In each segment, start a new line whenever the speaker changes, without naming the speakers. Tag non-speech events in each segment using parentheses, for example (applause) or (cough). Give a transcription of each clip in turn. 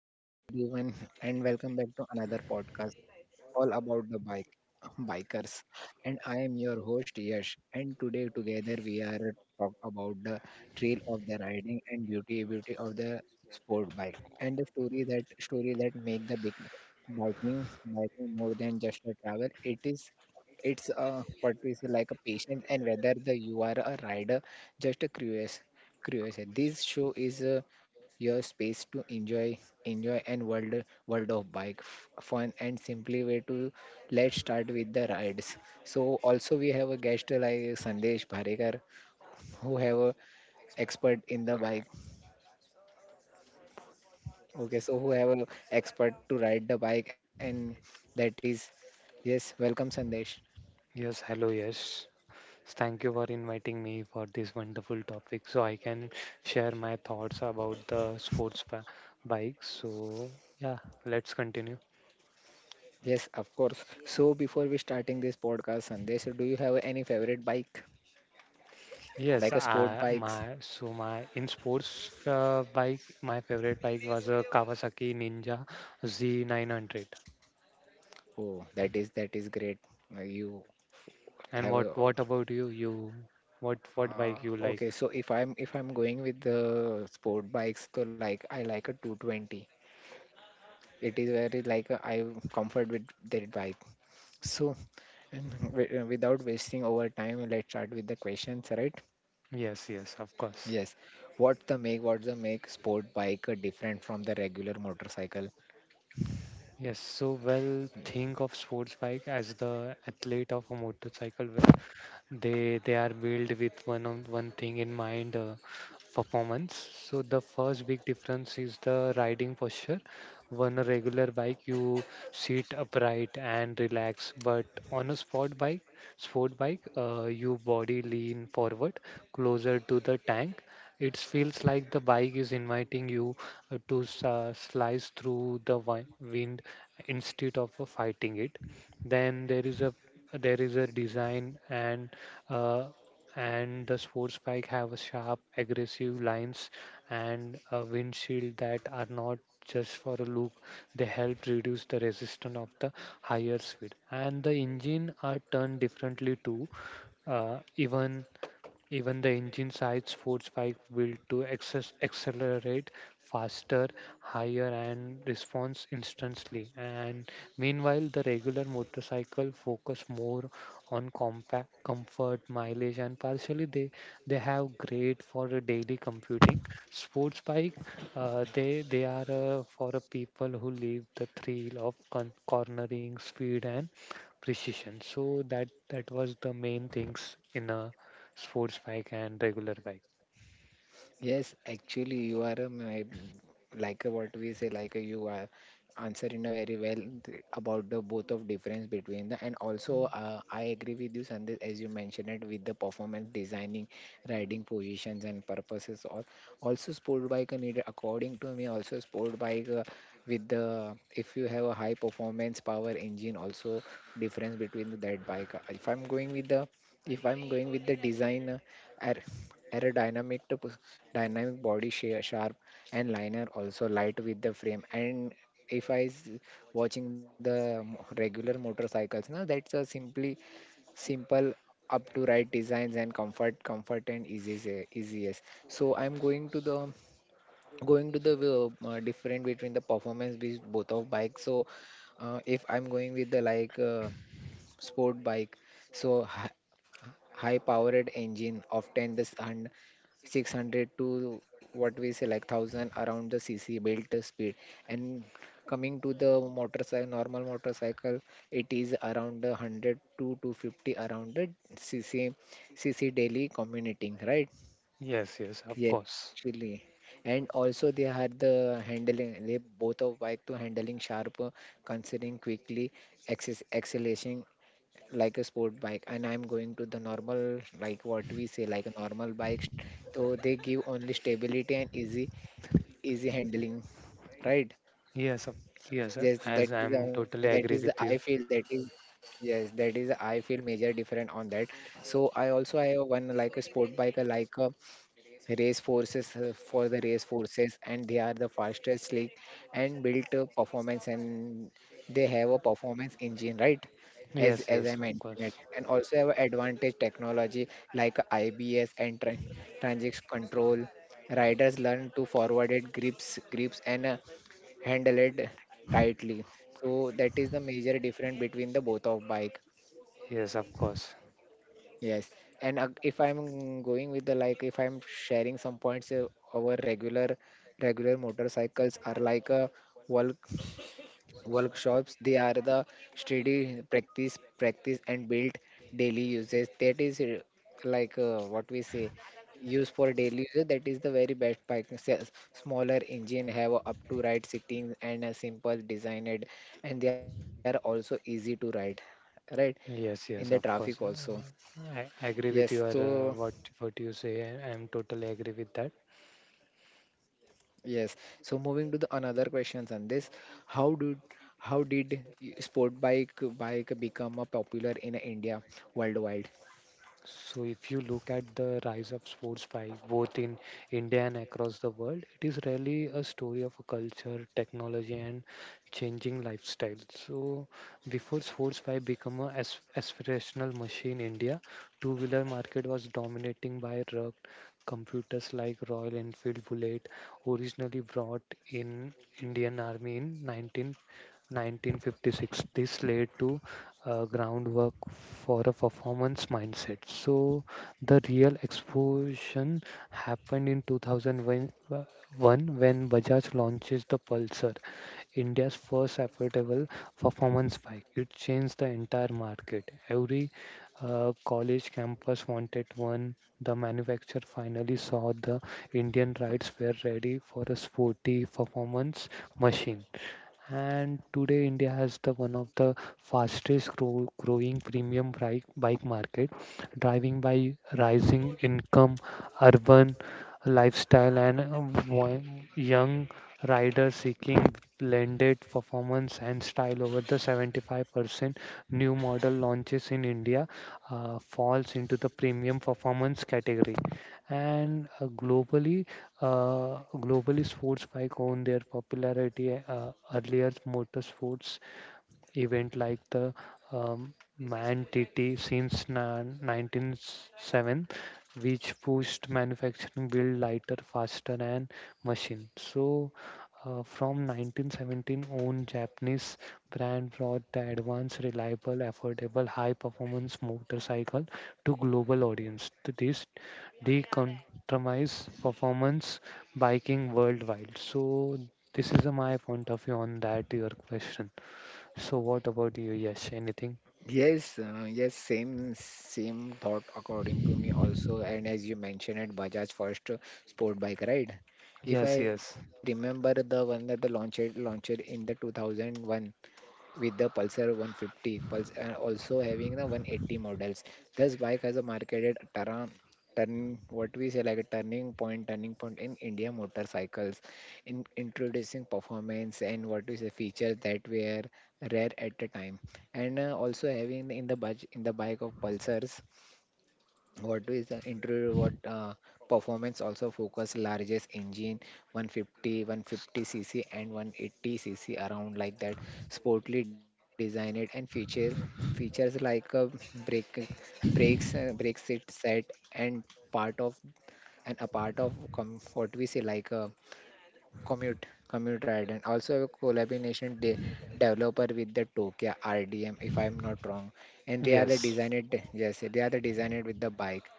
everyone, and welcome back to another podcast all about the bikers. And I am your host, Yash. And today, together, we are talk about the thrill of the riding and beauty of the sport bike, and the story that make the big biking biking more than just a travel. It's a, what we say, like a patient, and whether the you are a rider just a curious this show is your space to enjoy and world of bike fun and simply way to let's start with the rides. So also we have a guest like Sandesh Bharekar who have a expert in the bike. Okay, so who have a expert to ride the bike, and that is yes, welcome Sandesh.
Yes, hello, yes. Thank you for inviting me for this wonderful topic so I can share my thoughts about the bike. Yeah, let's continue.
Yes, of course. So before we starting this podcast, Sandesh, do you have any favorite bike,
Yes,
like a sport
I,
bikes?
my so my in sports bike, my favorite bike was a Kawasaki Ninja Z900.
Oh, that is great. You
And
have
what
a.
what about you? What
Uh,
bike you like?
okay, so if I'm going with the sport bikes, so like I like a 220. It is very like, I comfort with that bike. So, and (laughs) without wasting over time, let's start with the questions, right?
Yes, yes, of course.
Yes. What's the make sport bike different from the regular motorcycle?
Yes, think of sports bike as the athlete of a motorcycle will they are built with one thing in mind, performance. So the first big difference is the riding posture. On a regular bike you sit upright and relax, but on a sport bike your body lean forward closer to the tank. It feels like the bike is inviting you to slice through the wind instead of fighting it. Then there is a design, uh, and the sports bike have a sharp, aggressive lines and a windshield that are not just for a look. They help reduce the resistance of the higher speed. And the engine are turned differently too. Uh, even even the engine size, sports bike built to accelerate faster, higher, and responds instantly. And meanwhile, the regular motorcycle focus more on compact comfort, mileage, and partially they have great for a daily computing. Sports bike, they are for a people who live the thrill of cornering speed and precision. So that was the main things in a sports bike and regular bike.
Yes, actually, you are like a, what we say, like a, you are answering a very well about the both of difference between the, and also I agree with you, Sandeep, as you mentioned it with the performance designing, riding positions and purposes. All also sport bike are needed according to me. Also sport bike, with the, if you have a high performance power engine, also difference between that bike. If I'm going with the if I'm going with the design, aer- aerodynamic to push dynamic body shape, sharp and liner, also light with the frame, and if I s- watching the regular motorcycles. Now that's a simply simple up to right designs, and comfort and easy, easiest. So I'm going to the different between the performance with both of bikes. So, if I'm going with the, like, sport bike, so high-powered engine, often the 600 to what we say like 1000 around the cc, built speed. And coming to the motorcycle, normal motorcycle, it is around the 100 to 250 around the cc cc, daily commuting, right?
Yes, yes, of
Yes,
course.
actually. And also they had the handling, they both of bike, to handling sharp, considering quickly, access acceleration, like a sport bike. And I'm going to the normal, like, what we say, like a normal bike, so they give only stability and easy handling, right?
Yes, of, yes.
Yes,
As
that is,
I'm
that
totally
is the,
agree
I
with
feel,
you.
that is, yes, that is, I feel major different on that. So I also, I have one like a sport bike, like, race forces, for the race forces, and they are the fastest slick and built performance, and they have a performance engine, right? as
Yes,
as I
yes, of
mentioned it,
course.
and also have advantage technology like IBS and transit control. Riders learn to forward it, grips and handle it tightly. So that is the major difference between the both of bike.
Yes, of course.
Yes, and if I'm going with the, like, if I'm sharing some points, our regular motorcycles are like a work workshops. They are the steady practice and build daily uses. That is, like, what we say, use for daily use. That is the very best bike. Smaller engine have up to right sitting and a simple designed, and they are also easy to ride, right? In
Yes,
the
yes, of
traffic
course. Uh,
also.
I, I agree with
Yes,
your, uh,
so.
what what you say. I'm totally agree with that.
Yes. So moving to the another questions on this, how do how did sport bike become a popular in India worldwide?
So if you look at the rise of sports five, both in India and across the world, it is really a story of a culture, technology, and changing lifestyle. So before sports five become a aspirational machine, India two-wheeler market was dominating by rugged computers like Royal Enfield Bullet, originally brought in Indian Army in 19 1956. This led to groundwork for a performance mindset. So the real explosion happened in 2001 when Bajaj launches the Pulsar, India's first affordable performance bike. It changed the entire market. Every college campus wanted one. The manufacturer finally saw the Indian rides were ready for a sporty performance machine. And today India has the one of the fastest growing premium bike market, driving by rising income, urban lifestyle, and young riders seeking blended performance and style. Over the 75% new model launches in India falls into the premium performance category. And uh, globally, uh, globally sports bike own their popularity. Earlier, motorsports event like the Man TT since 1907, which pushed manufacturing build lighter, faster, and machine. So, from 1917 on, Japanese brand brought the advanced, reliable, affordable, high-performance motorcycle to global audience. This decompromise performance biking worldwide. So, this is my point of view on that, your question. So what about you? Yes. Anything?
Yes, same thought according to me also. And as you mentioned it, Bajaj first sport bike, right? If
Yes,
I
yes.
remember, the one that the launched in the 2001 with the Pulsar 150 Pulse, and also having the 180 models. This bike has a marketed turn, what we say like a turning point in India motorcycles, in introducing performance and what is the features that were rare at the time. And also having in the budget, in the bike of Pulsars, what is the interior, what, performance, also focus largest engine, 150 150 cc and 180 cc around, like that, sportly designed, and features like a brake brakes, brake set, and part of and a part of comfort, we say like a commute ride, and also a collaboration developer with the Tokyo RDM, if I'm not wrong, and they are the
Yes,
designer. Yes, they are the designer with the bike.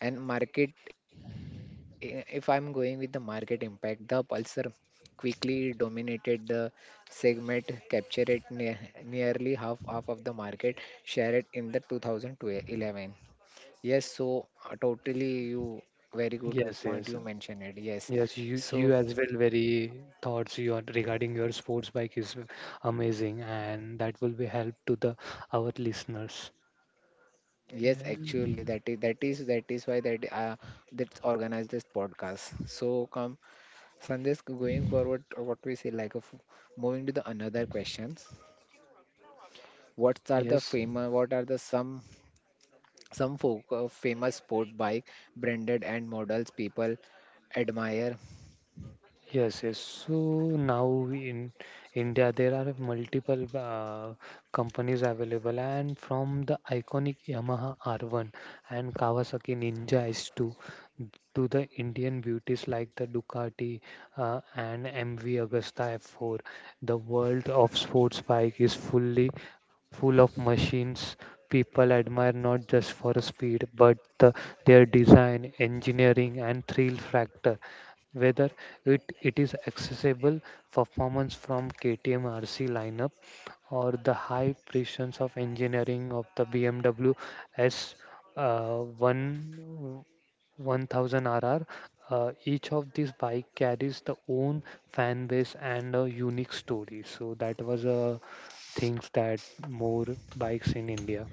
And market, if I'm going with the market impact, the Pulsar quickly dominated the segment, captured it nearly half of the market share it in the 2011. Yes, so, totally you very good
yes,
point you
yes.
mentioned it, yes.
Yes, you
So,
you as well very thoughts you are regarding your sports bike is amazing and that will be help to the our listeners.
yes,
Yeah.
actually, that is why that's organized this podcast. So come, Sandesh, going forward, what we say like, of moving to the another questions. What are the
Yes.
famous? What are the some famous sport bike branded and models people admire?
Yes, yes. So now in India, there are multiple companies available, and from the iconic Yamaha R1 and Kawasaki Ninja S2 to the Indian beauties like the Ducati and MV Agusta F4, the world of sports bike is full of machines people admire not just for speed but their design, engineering, and thrill factor. Whether it is accessible performance from KTM RC lineup or the high precisions of engineering of the BMW S uh, 1 1000 RR. Each of these bike carries the own fan base and a unique story. So that was a things that more bikes in India.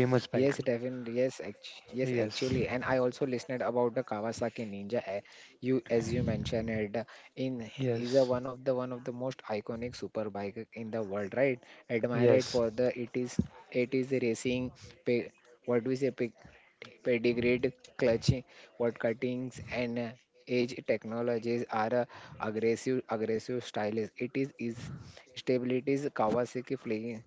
Yes,
biker.
Devin. Yes, actually,
Yes.
and I also listened about the Kawasaki Ninja. You, as you mentioned it, in is a
Yes.
one of the most iconic superbike in the world, right? Admired
Yes.
for the, it is a racing, pe, what we say, pedigreed clutching, what cuttings, and edge technologies are aggressive styles. It is stabilities Kawasaki flying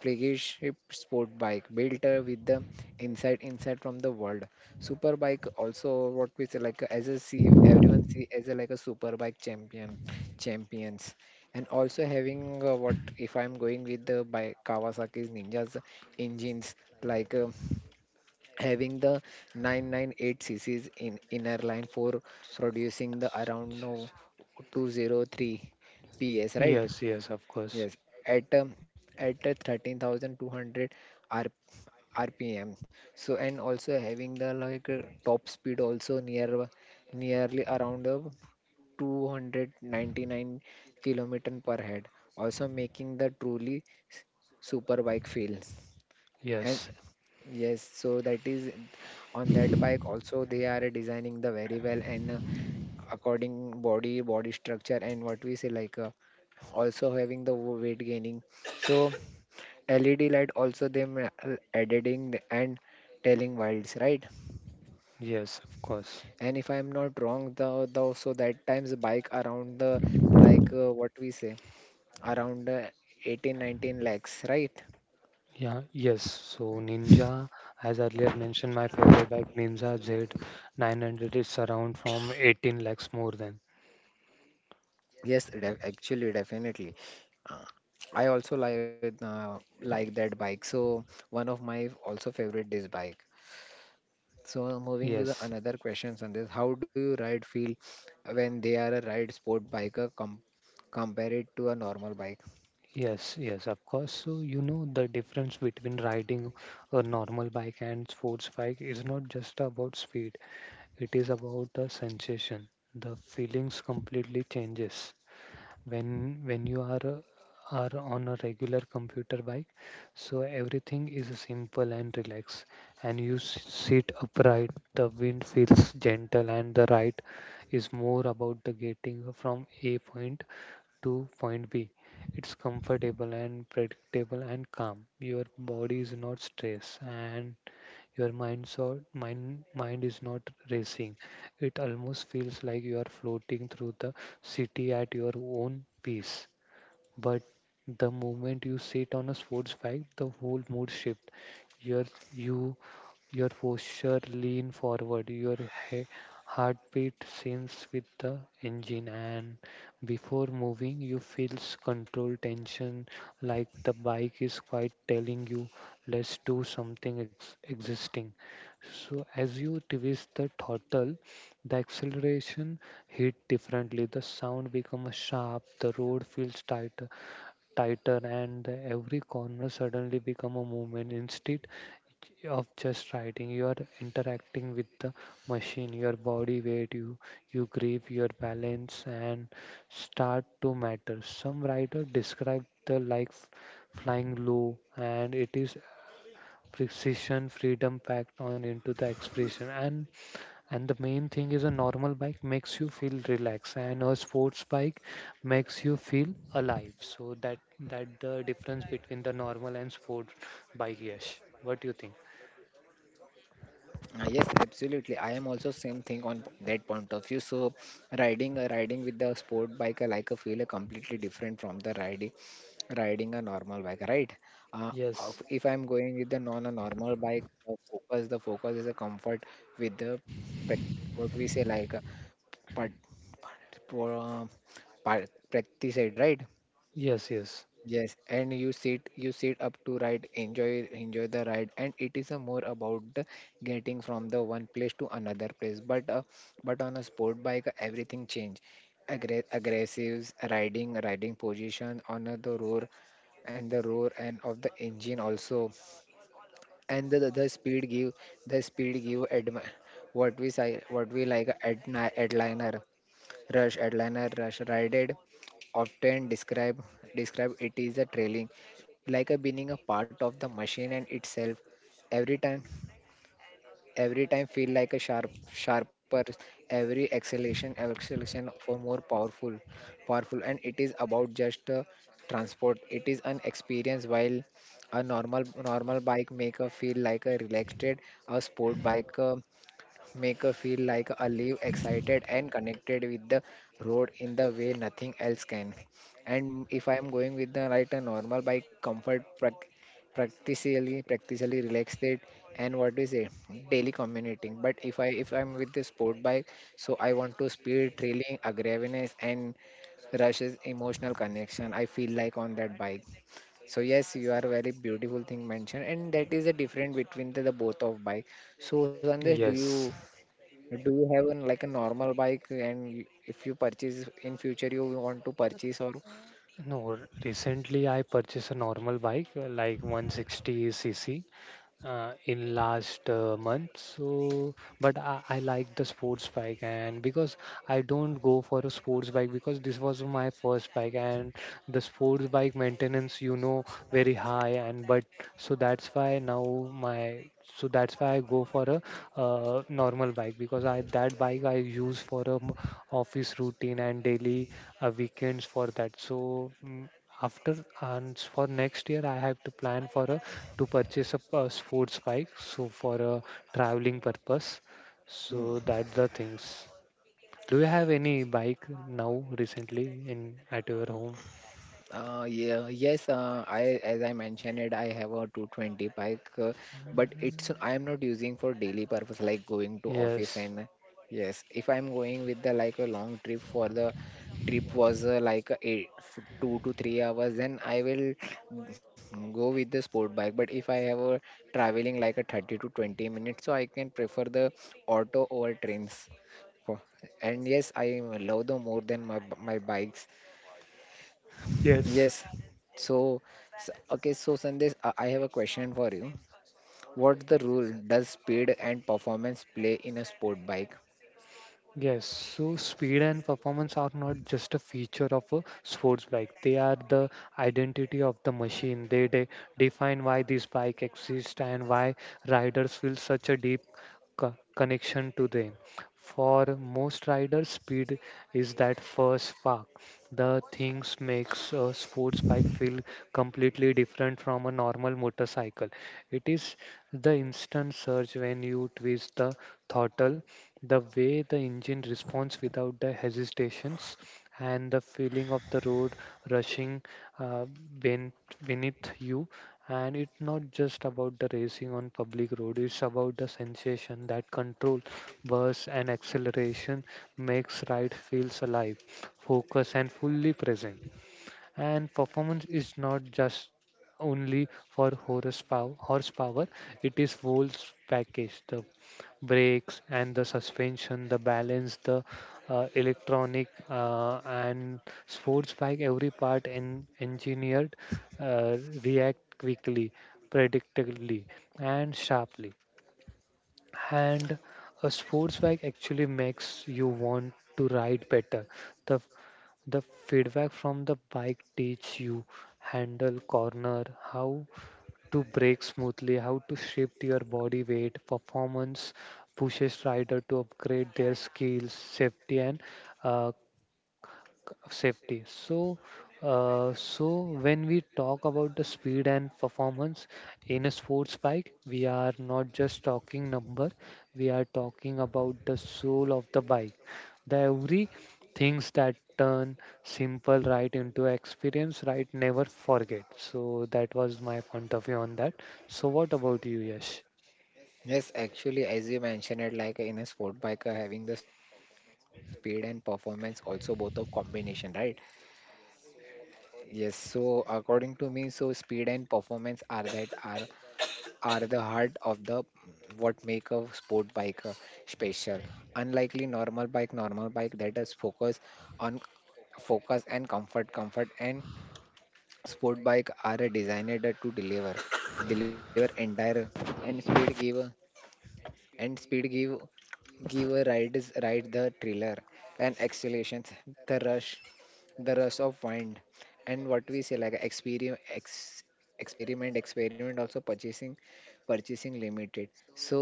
flagship sport bike, built with the inside from the world. Super bike also, what we say, like, as a see everyone see as a like a super bike champions. And also having, what, if I'm going with the by Kawasaki's Ninja's engines, like, having the 998 cc's in inner line for producing the around, no, 203 ps, right?
Yes. Yes. Yes. Of course.
Yes, at um, at 13,200 R RPM. So, and also having the, like, top speed also, nearly around 299 kilometer per head, also making the truly super bike feel. And
Yes.
yes, so that is, on that bike also they are designing the very well, and according body structure, and what we say, like, also having the weight gaining. So. LED light also them, editing and telling wilds, right?
Yes. Of course.
And if I'm not wrong, the so that times bike around the, like, what we say, around, 18 19 lakhs, right?
Yeah, yes. So Ninja, as earlier mentioned, my favorite bike Ninja Z900 is around from 18 lakhs more than.
Yes, actually definitely, uh, I also like, like that bike, so one of my also favorite this bike. So, moving to the
Yes,
another questions on this, how do you ride feel when they are a ride sport bike, compare to a normal bike?
yes, yes, of course. So you know the difference between riding a normal bike and sports bike is not just about speed. It is about the sensation. The feelings completely changes. When you are on a regular computer bike, so everything is simple and relaxed, and you sit upright. The wind feels gentle and the ride is more about the getting from a point to point B. It's comfortable and predictable and calm. Your body is not stressed and your mind or mind mind is not racing. It almost feels like you are floating through the city at your own pace. But the moment you sit on a sports bike, the whole mood shift. Your you your posture lean forward, your he- heartbeat syncs with the engine, and before moving, you feels controlled tension like the bike is quite telling you, let's do something existing. So, as you twist the throttle, the acceleration hit differently. The sound becomes sharp, the road feels tighter, and every corner suddenly become a movement. Instead of just writing, you are interacting with the machine. Your body weight, you grip your balance and start to matter. Some writer describe the like flying low, and it is precision freedom packed on into the expression. And the main thing is a normal bike makes you feel relaxed and a sports bike makes you feel alive. So that the difference between the normal and sport bike. Yes, what do you think?
Yes, absolutely. I am also same thing on that point of view. So riding, riding with the sport bike, I like a feel a completely different from the riding a normal bike, right? Uh,
Yes.
if I'm going with the non a normal bike, the focus is a comfort with the what we say, like a part, part, pro- uh, practice it, right?
Yes, yes,
Yes, and you sit up to ride, enjoy the ride, and it is a more about the getting from the one place to another place. But on a sport bike, everything change. Aggra Aggressives riding position, on the roar, and the roar, and of the engine also, and the speed give, the speed give admi- what we say, what we like, adliner. Rush Headliner Rush Rided, often describe it is a trailing, like a being a part of the machine and itself. Every time every time feel like a sharper, every acceleration for more powerful, and it is about just transport, it is an experience, while a normal bike make a feel like a relaxed, a sport bike make her feel like a live, excited and connected with the road in the way nothing else can. And if I am going with the right a normal bike, comfort practically relaxed it and what is it daily commuting. But if I'm with the sport bike, so I want to speed trailing aggressiveness and rushes emotional connection I feel like on that bike. So yes, you are very beautiful thing mentioned, and that is the difference between the both of bike. So Sandesh,
yes.
do you have an like a normal bike and if you purchase in future, you want to purchase or?
No, recently I purchased a normal bike, like 160 cc, in last month. So, but I like the sports bike. And because I don't go for a sports bike because this was my first bike, and the sports bike maintenance, you know, very high, and but so that's why now my so that's why I go for a normal bike, because I that bike I use for a office routine and daily weekends for that. So. After, and for next year, I have to plan for a to purchase a sports bike, so for a traveling purpose. So
Hmm.
that the things. Do you have any bike now recently in at your home?
Yeah, yes, I as I mentioned it, I have a 220 bike, but it's I am not using for daily purpose like going to office
Yes.
and yes, if I'm going with the like a long trip for the trip was like a 2 to 3 hours, then I will go with the sport bike. But if I have a traveling like a 30 to 20 minutes, so I can prefer the auto over trains. For- And yes, I love the more than my my bikes.
Yes.
Yes. So, okay, so Sandesh, I have a question for you. What's the role does speed and performance play in a sport bike?
Yes, so speed and performance are not just a feature of a sports bike. They are the identity of the machine. They define why this bike exists and why riders feel such a deep connection to them. For most riders, speed is that first spark. The things makes a sports bike feel completely different from a normal motorcycle. It is the instant surge when you twist the throttle, the way the engine responds without the hesitations, and the feeling of the road rushing uh, ben- beneath you. And it's not just about the racing on public road, it's about the sensation that control burst, and acceleration makes ride feels alive, focused, and fully present. And performance is not just only for horsepower, it is whole package: the brakes and the suspension, the balance, the electronic, and sports bike, every part engineered uh, react quickly, predictably, and sharply. And a sports bike actually makes you want to ride better. The the feedback from the bike teach you handle corner, how to break smoothly, how to shift your body weight. Performance pushes rider to upgrade their skills, safety, and uh, of safety. So, when we talk about the speed and performance in a sports bike, we are not just talking number, we are talking about the soul of the bike. The every things that turn simple right into experience, right? Never forget. So that was my point of view on that. So what about you, Yash?
Yes, actually, as you mentioned it, like in a sport bike, having the speed and performance also both of combination, right? Yes, so according to me, so speed and performance are are the heart of the what make a sport bike special. Unlikely normal bike that is focused on focus and comfort and sport bike are designed to deliver entire and speed give give rides ride the thriller and accelerations, the rush, the rush of wind. And what we say like experiment ex, experiment experiment also purchasing purchasing limited. So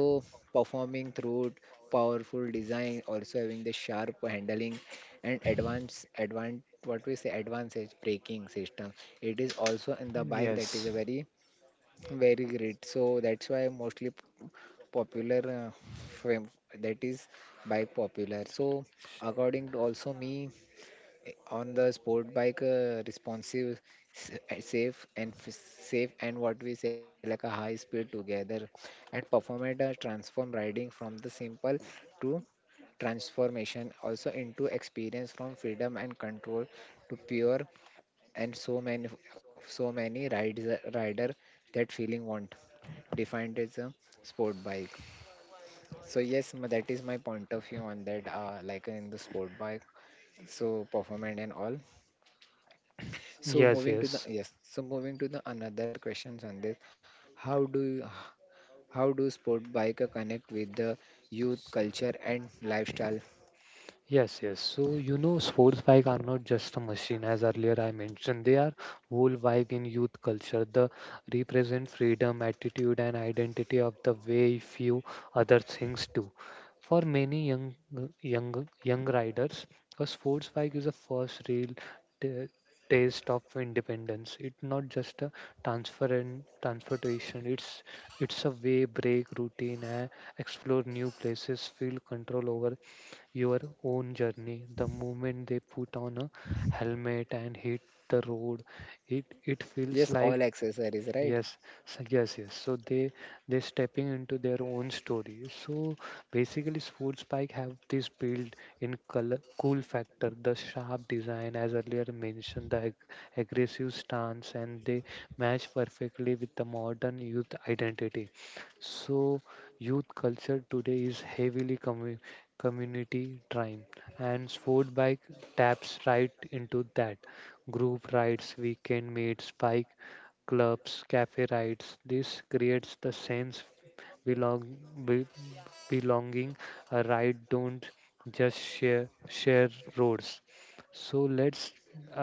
performing through powerful design also having the sharp handling and advanced what we say advanced edge braking system, it is also in the bike that
Yes.
is a very great. So that's why mostly popular, uh, fam- that is bike popular. So according to also me on the sport bike, responsive, safe and safe and what we say like a high speed together and perform it, transform riding from the simple to transformation also into experience from freedom and control to pure. And so many rides, rider that feeling want defined as a sport bike. So yes, that is my point of view on that, like in the sport bike, so performance and all. So
Yes,
moving to
yes.
the yes, so moving to the another questions on this, how do you, how do sport bike connect with the youth culture and lifestyle?
Yes, yes. So, you know, sports bike are not just a machine, as earlier I mentioned. They are whole vibe in youth culture. They represent freedom, attitude, and identity of the way few other things do. For many young riders, a sports bike is a first real t- taste of independence. It's not just a transfer and transportation. It's a way break routine and explore new places, feel control over your own journey. The moment they put on a helmet and hit the road, it feels
Yes,
like.
all accessories, right?
Yes, so yes, yes. So they stepping into their own story. So basically, sports bike have this built in color cool factor, the sharp design, as earlier mentioned, the aggressive stance, and they match perfectly with the modern youth identity. So youth culture today is heavily community driven, and sport bike taps right into that. Group rides, weekend meets, bike clubs, cafe rides. This creates the sense belong be, belonging. A ride don't just share roads. So let's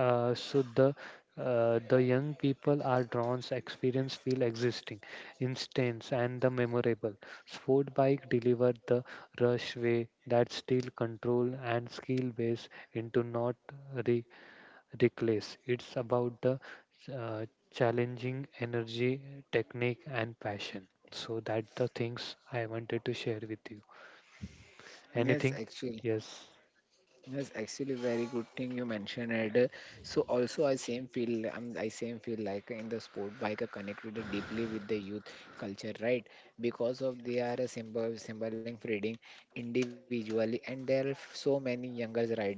so the young people are drawn experience feel existing instance and the memorable sport bike deliver the rush way that still control and skill base into not reckless. It's about the uh, challenging energy, technique, and passion. So that the things I wanted to share with you.
Yes,
Anything?
actually,
Yes.
yes, actually, very good thing you mentioned it. So also, I same feel like in the sport bike connect with the deeply with the youth culture, right? Because of they are a symbol, symboling freedom individually, and there are so many younger rider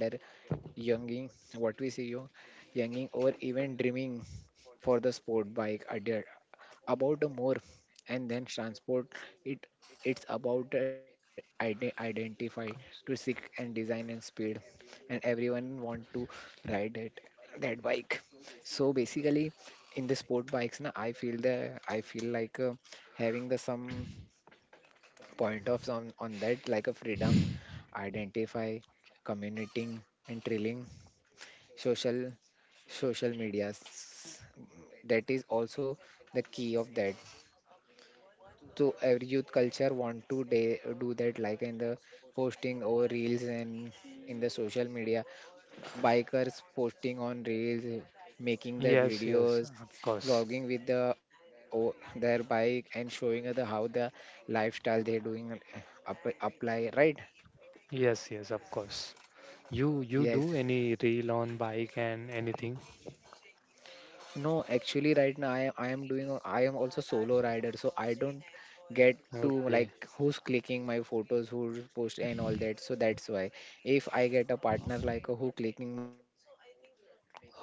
younging, what we see you, younging or even dreaming for the sport bike idea about the more and then transport it. It's about the identify to
Comes.
seek and design and speed, and everyone want to ride it that bike. So basically, in the sport bikes, na, I feel the I feel like having the some point of on that like a freedom, identify, commuting and trailing social social medias that is also the key of that. So every youth culture want to do that like in the posting or reels and in the social media, bikers posting on reels, making the
Yes, yes,
videos,
of course.
vlogging with the their bike and showing other how the lifestyle they're doing, apply right.
Yes, yes, of course. You
Yes.
you do any reel on bike and anything?
No, actually, right now I am doing I am also solo rider, so I don't get to
Okay.
like who's clicking my photos, who's post and all that. So that's why if I get a partner like who clicking my photos and who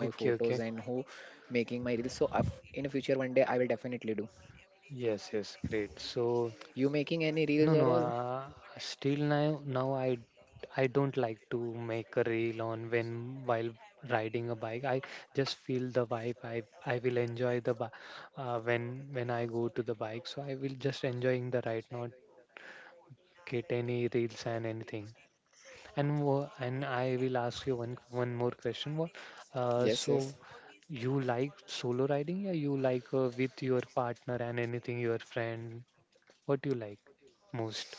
making
Okay,
my
okay.
reels, so in a future one day I will definitely do.
Yes, yes, great.
You
So
making any reels or all?
no, no. Still now, I I don't like to make a reel on when while riding a bike. I just feel the vibe. I will enjoy the when I go to the bike. So I will just enjoying the ride, not get any reels and anything. And and I will ask you one more question. What
Yes,
uh,
yes.
so you like solo riding? Yeah, you like with your partner and anything, your friend. What do you like most?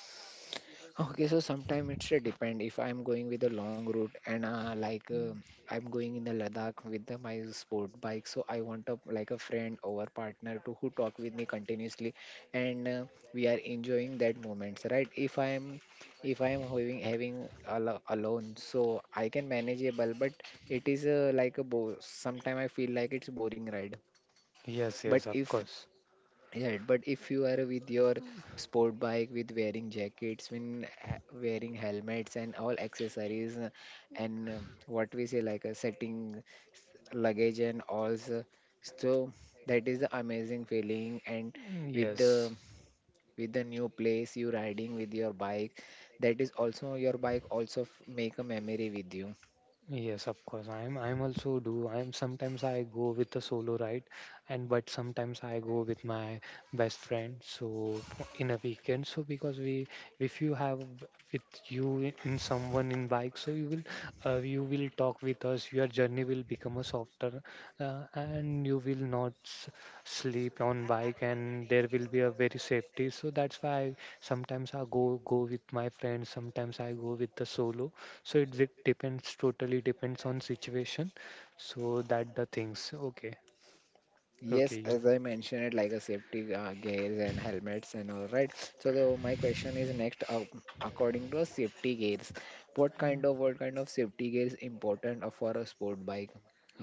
Okay, so sometime it's a depend if I'm going with a long route and like I'm going in the Ladakh with the, my sport bike, so I want a like a friend or partner to who talk with me continuously, and we are enjoying that moments, right? If I'm having alone, so I can manageable, but it is like a bo sometime I feel like it's boring ride.
Yes,
But
yes, of
if
course.
right, but if you are with your sport bike with wearing jackets, when wearing helmets and all accessories, and what we say like a setting luggage and all, so so that is the amazing feeling. And
Mm,
with the
yes.
with the new place you riding with your bike, that is also your bike also make a memory with you.
Yes, of course. I'm also do. I'm sometimes I go with a solo ride and but sometimes I go with my best friend. In a weekend, so because we if you have with you in someone in bike, so you will talk with us. Your journey will become a softer and you will not sleep on bike and there will be a very safety. So that's why sometimes I go with my friends. Sometimes I go with the solo so it depends totally depends on situation so that the things okay
Yes,
okay yeah
as I mentioned it, like a safety gears and helmets and all right. So the, my question is next, according to a safety gears, what kind of safety gears important for a sport bike?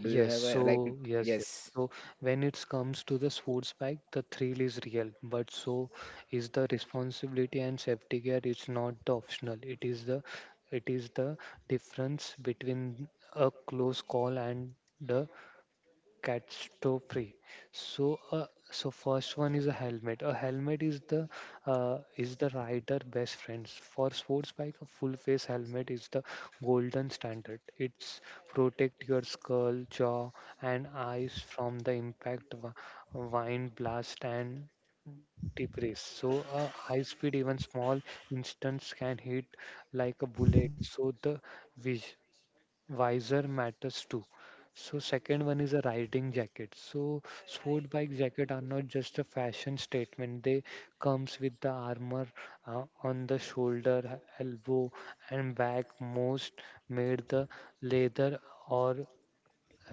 Do you
yes
have
so
a like?
yes, yes
Yes,
so when it comes to the sports bike the thrill is real but so is the responsibility and safety gear is not the optional it is the difference between a close call and the cats to free so so first one is a helmet is the rider best friends for sports bike a full face helmet is the golden standard it's protect your skull jaw and eyes from the impact wind blast and debris so a high speed even small instance can hit like a bullet so the vis- visor matters too. So second one is a riding jacket. So sport bike jacket are not just a fashion statement. They comes with the armor on the shoulder, elbow, and back. Most made the leather or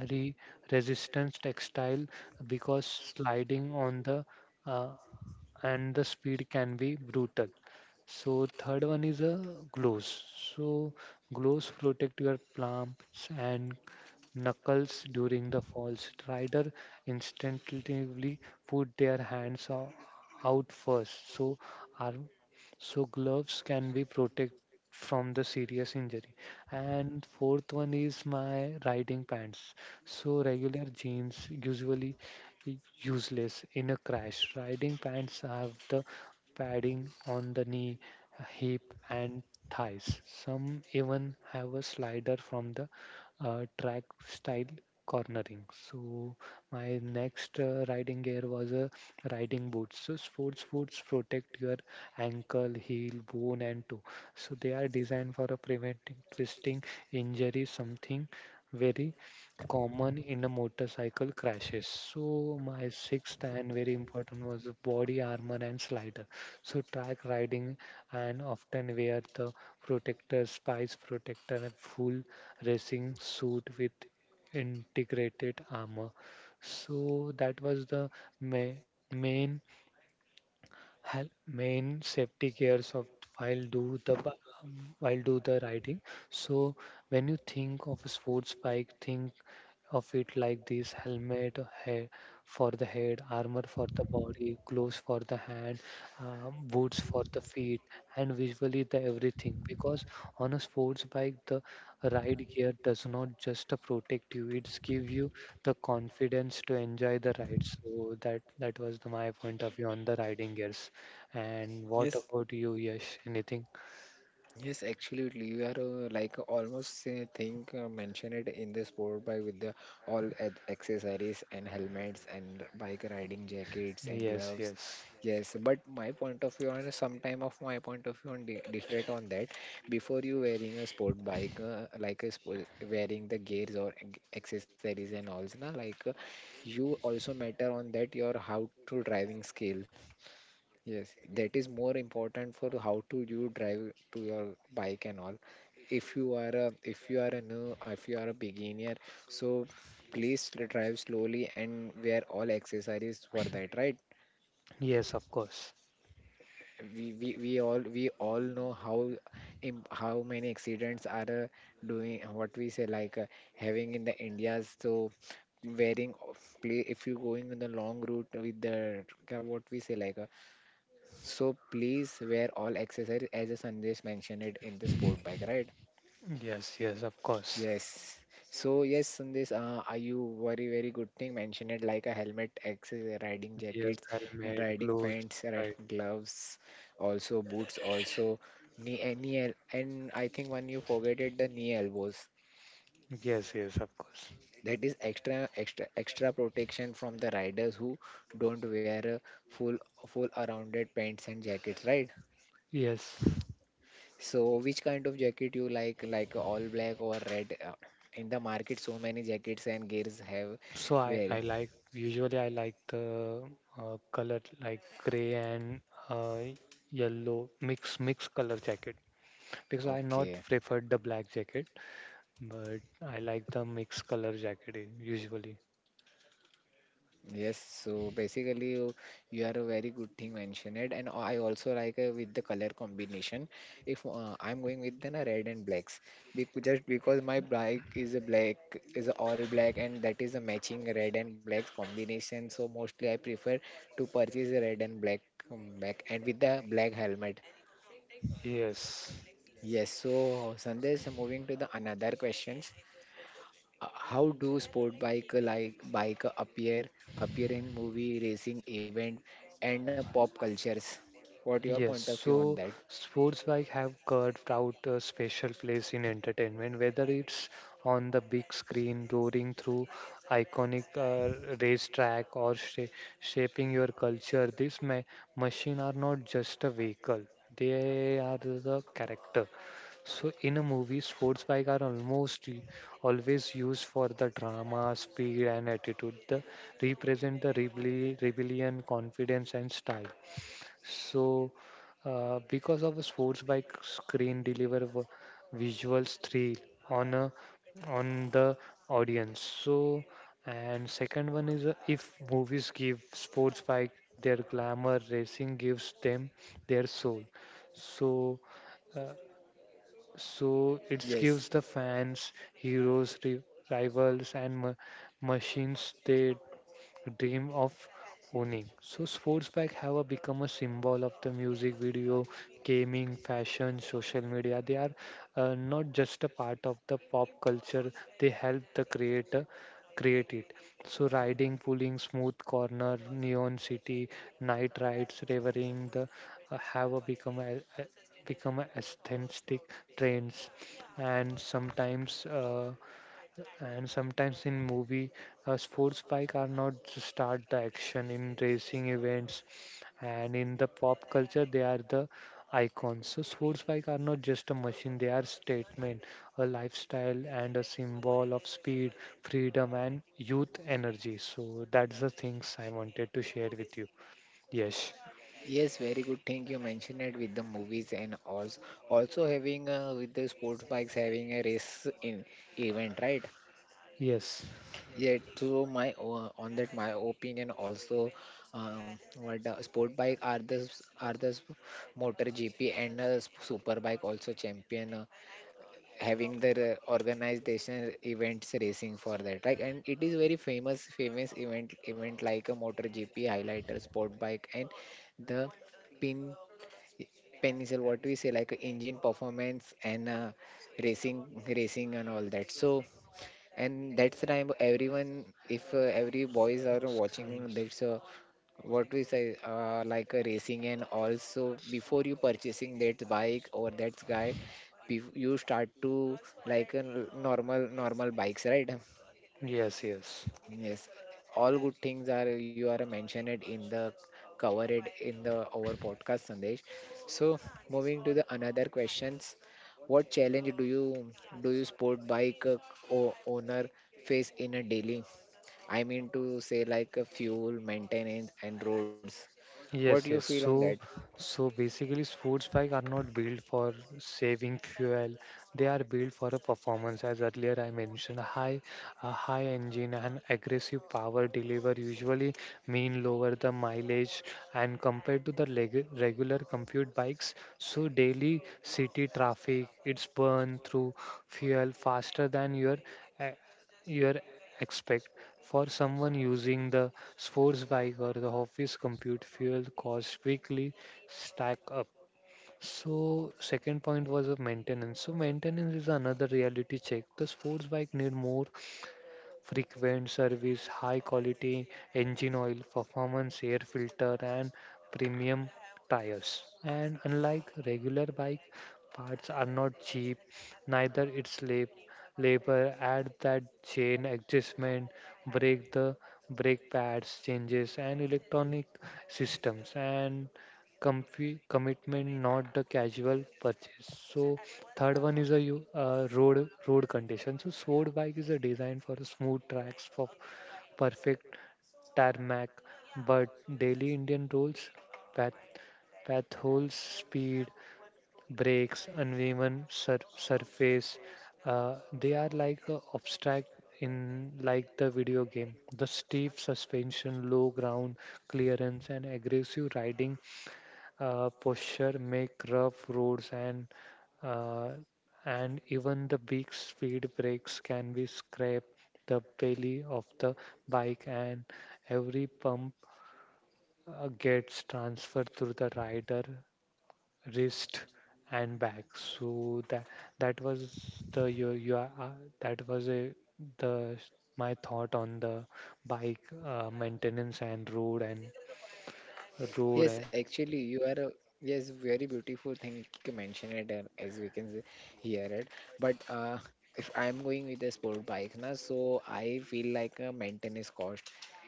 re resistance textile because sliding on the uh, and the speed can be brutal. So third one is a gloves. So gloves protect your palms and knuckles during the falls. Rider instinctively put their hands out first, so arm, so gloves can be protect from the serious injury. And fourth one is my riding pants. So regular jeans usually useless in a crash. Riding pants have the padding on the knee, hip, and thighs. Some even have a slider from the track style cornering. So my next riding gear was a riding boots. So sports boots protect your ankle, heel, bone, and toe. So they are designed for a preventing twisting injury, something very common in a motorcycle crashes. So my sixth and very important was the body armor and slider. So track riding and often wear the protector, spice protector, and full racing suit with integrated armor. So that was the ma- main main safety cares of while do the bu- while do the riding. So when you think of a sports bike, think of it like this helmet head for the head armor for the body gloves for the hand boots for the feet and visually the everything because on a sports bike the ride gear does not just protect you it's give you the confidence to enjoy the ride so that that was my point of view on the riding gears and what
yes,
about you Yash anything
yes, absolutely. You are like almost think mention it in the sport bike with the all accessories and helmets and bike riding jackets and
yes
gloves.
yes
Yes, but my point of view on sometime of my point of view on di different on that. Before you wearing a sport bike, like a sport, wearing the gears or accessories and all, na, like you also matter on that your how to driving skill. Yes, that is more important for how to you drive to your bike and all. If you are a if you are a new if you are a beginner, so please drive slowly and wear all accessories for that, right?
yes of course
We all know how how many accidents are doing what we say like having in the India's. So wearing play if you're going on the long route with the what we say like so please wear all accessories as a Sandesh mentioned it in the sport bike, right?
yes yes of course
Yes. So yes, Sandesh, are you very good thing mentioned it like a helmet, accessory, riding
yes,
jackets, and
helmet,
riding
gloves,
pants,
right.
gloves, also boots, also knee and knee and I think when you forget it, the knee elbows.
Yes, yes, of course.
That is extra protection from the riders who don't wear a full full rounded pants and jackets, right?
Yes.
So, which kind of jacket you like all black or red? In the market, so many jackets and gears have
So I
wearing.
like, usually I like the color like gray and uh, yellow mix color jacket because I not
Okay.
preferred the black jacket, but I like the mix color jacket usually.
Yes. So basically, you are a very good thing mentioned, it. And I also like with the color combination. If I'm going with then a red and blacks, because just because my bike is a black, is a all black, and that is a matching red and blacks combination. So mostly I prefer to purchase a red and black, back and with the black helmet.
Yes.
Yes, so Sandesh, moving to the another questions. How do sport bike like bike appear in movie racing event and pop cultures? What your
Yes,
point of view on
so
that?
sports bike have carved out a special place in entertainment, whether it's on the big screen, roaring through iconic racetrack, or shaping your culture. These ma machines are not just a vehicle; they are the character. So in a movie, sports bike are almost always used for the drama, speed, and attitude. They represent the rebellion, confidence, and style. So, because of a sports bike screen deliver visual thrill on a on the audience. So, and second one is if movies give sports bike their glamour, racing gives them their soul. So, uh, so it gives
Yes,
the fans heroes, rivals, and machines they dream of owning. So sports bike have a become a symbol of the music video, gaming, fashion, social media. They are not just a part of the pop culture. They help the creator create it. So riding, pulling, smooth corner, neon city, night rides, revering the have a become a become a aesthetic trends and sometimes in movie, sports bike are not just start the action in racing events, and in the pop culture, they are the icons. So sports bike are not just a machine; they are statement, a lifestyle, and a symbol of speed, freedom, and youth energy. So that's the things I wanted to share with you. Yes,
yes, very good thing you mentioned it with the movies and also also having with the sports bikes having a race in event, right?
yes,
Yeah, so my on that my opinion also, what the sport bike are the motor GP and super bike also champion having their organization events racing for that like, and it is very famous event like a motor GP highlighter sport bike and the pin pencil what we say like a engine performance and racing and all that. So and that's the time everyone if every boys are watching that's what we say like a racing. And also before you purchasing that bike or that guy you start to like a normal normal bikes, right?
yes, yes.
Yes, all good things are you are mentioned it in the cover it in the our podcast Sandesh. So moving to the another questions, what challenge do you sport bike owner face in a daily? I mean to say like fuel, maintenance, and roads. What do you
Yes, yes.
feel on that?
So, so basically, sports bike are not built for saving fuel. They are built for a performance. As earlier I mentioned, a high engine and aggressive power deliver usually mean lower the mileage. And compared to the leg regular compute bikes, so daily city traffic, it's burn through fuel faster than uh, your expect. For someone using the sports bike or the office compute fuel costs quickly stack up so second point was of maintenance so maintenance is another reality check the sports bike need more frequent service, high quality engine oil, performance air filter, and premium tires. And unlike regular bike, parts are not cheap, neither its labor. Add that chain adjustment, brake the brake pads changes, and electronic systems, and commitment, not the casual purchase. So third one is a road condition. So sword bike is a design for smooth tracks for perfect tarmac, but daily Indian roads, path path holes, speed, brakes, uneven surface, they are like a obstacle in like the video game. The steep suspension, low ground clearance, and aggressive riding posture make rough roads and uh, even the big speed brakes can be scrape the belly of the bike and every pump gets transferred through the rider wrist and back so that that was the you, you are- that was a the my thought on the bike maintenance and road and
Yes,
road and
actually, you are a yes, very beautiful thing you mention it and as we can hear it. But if I'm going with a sport bike now, so I feel like a maintenance cost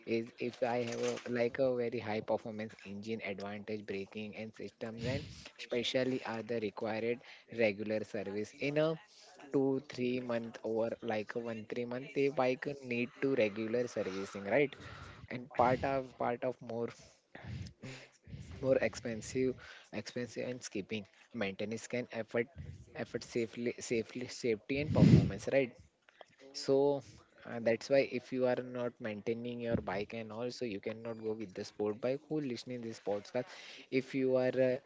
is if I have a like a very high performance engine advantage braking and systems, and especially are the required regular service in a 2 3 month, or like a 1 3 month they bike need to regular servicing, right? And part of more more expensive expensive, and skipping maintenance can effort effort safely safely safety and performance, right? So that's why if you are not maintaining your bike and also you cannot go with the sport bike who listening this podcast. If you are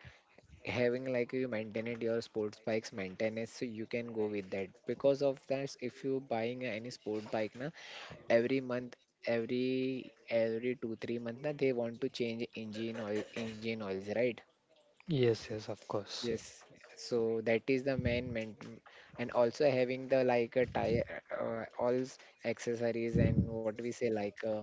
having like you maintain it your sports bikes maintenance, so you can go with that. Because of that, if you buying any sport bike na, every month every 2 3 month na, they want to change engine oil engine oils, right?
Yes yes of course.
Yes. So that is the main main. And also having the like a tire, all accessories and what we say like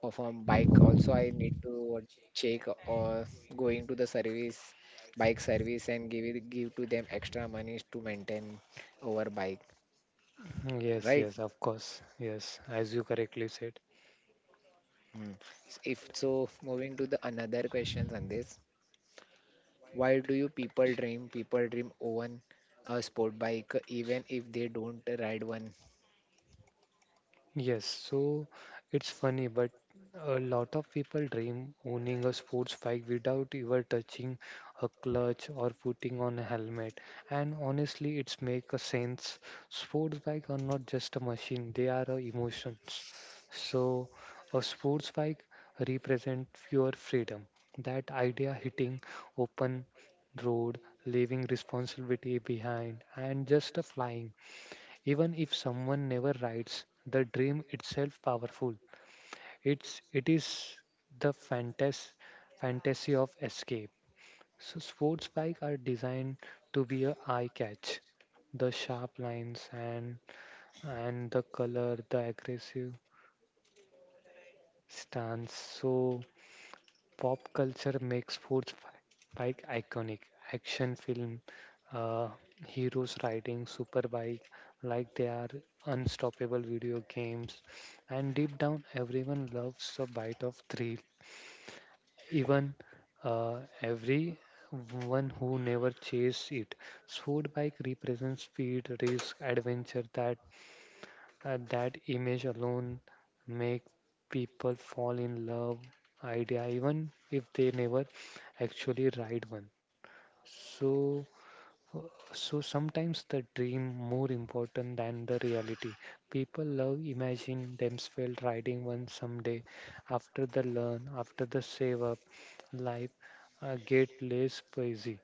of a bike also I need to check, or going to the service bike service and give it give to them extra money to maintain our bike,
Yes,
right?
yes, of course. Yes, as you correctly said.
Hmm. If so, moving to the another questions on this. Why do you people dream own a sport bike even if they don't ride one?
Yes, so it's funny, but a lot of people dream owning a sports bike without ever touching a clutch or putting on a helmet. And honestly, it's make a sense. Sports bike are not just a machine; they are a emotions. So, a sports bike represent pure freedom. That idea hitting open road, leaving responsibility behind, and just a flying even if someone never writes the dream itself powerful it is the fantasy of escape so sports bike are designed to be a eye catch the sharp lines and the color the aggressive stance so pop culture makes sports bike iconic. Action film uh, heroes riding superbike like they are unstoppable video games. And deep down, everyone loves a bite of thrill. Even every one who never chased it. Sport bike represents speed, risk, adventure that that image alone make people fall in love idea even if they never actually ride one so so sometimes the dream more important than the reality. People love imagine themselves riding one someday. After the learn, after the save up, life get less busy.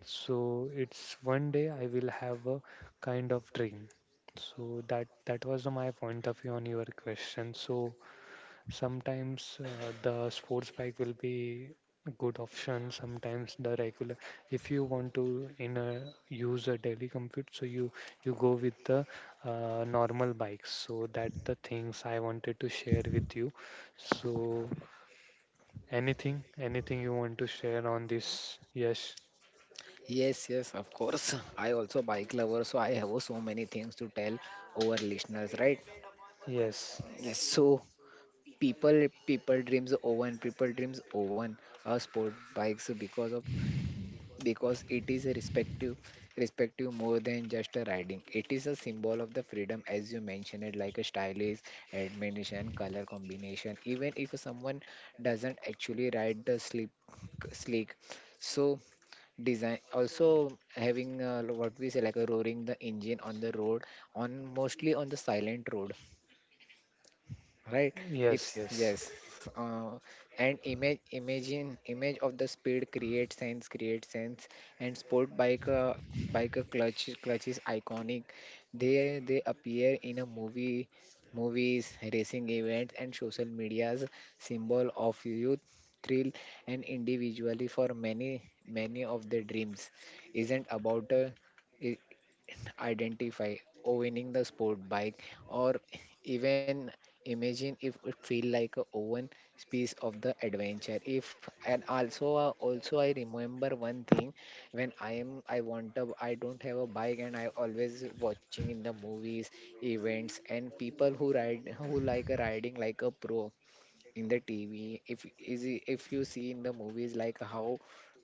So it's one day I will have a kind of dream. So that that was my point of view on your question. So sometimes the sports bike will be a good option sometimes the regular if you want to in a use a daily commute so you go with the normal bikes so that the things I wanted to share with you so anything anything you want to share on this yes
Yes, yes, of course. (laughs) I also bike lover, so I have so many things to tell our listeners, right?
yes
Yes, so people dreams owen people dreams owen sport bikes because of, because it is a respective respective more than just a riding. It is a symbol of the freedom, as you mentioned it, like a stylish admonition color combination, even if someone doesn't actually ride the sleek. So design also having what we say like a roaring the engine on the road, on mostly on the silent road, right? if
yes
s-
yes.
Yes. uh, and image imagine image of the speed creates sense. And sport bike bike clutch is iconic. They appear in a movie movies, racing events, and social media's, symbol of youth, thrill, and individually for many many of their dreams isn't about a identify owning the sport bike, or even imagine if it feel like a own piece of the adventure. If and also also I remember one thing. When I want a, I don't have a bike, and I always watching in the movies, events, and people who ride, who like a riding like a pro in the TV. If you see in the movies like how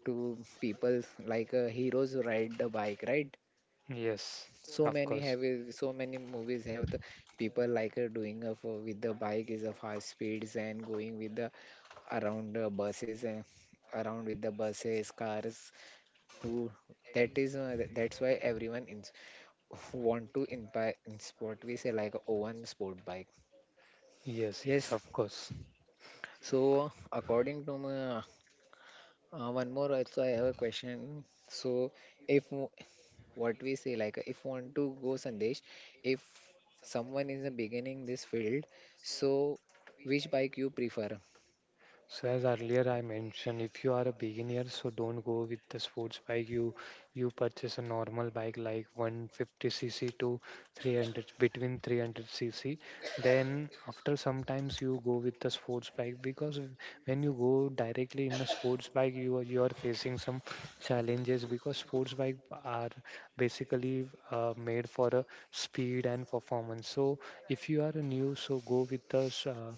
to people like heroes ride the bike, right?
Yes,
So
of
many
course.
so many movies have the people like doing for, with the bike is a fast speeds, and going with the around buses and around with the buses cars who, that is that's why everyone in, (laughs) want to inspire in sport, we say like a one sport bike.
Yes, yes,
Yes.
of course.
So according to my, one more also I have a question. So if w- what we say like if want to go Sandesh, if someone is a beginning this field, so which bike you prefer?
So as earlier I mentioned, if you are a beginner, so don't go with the sports bike. You purchase a normal bike like 150cc to 300 between 300cc. Then after sometimes you go with the sports bike, because when you go directly in a sports bike, you are facing some challenges, because sports bike are basically made for a speed and performance. So if you are new, so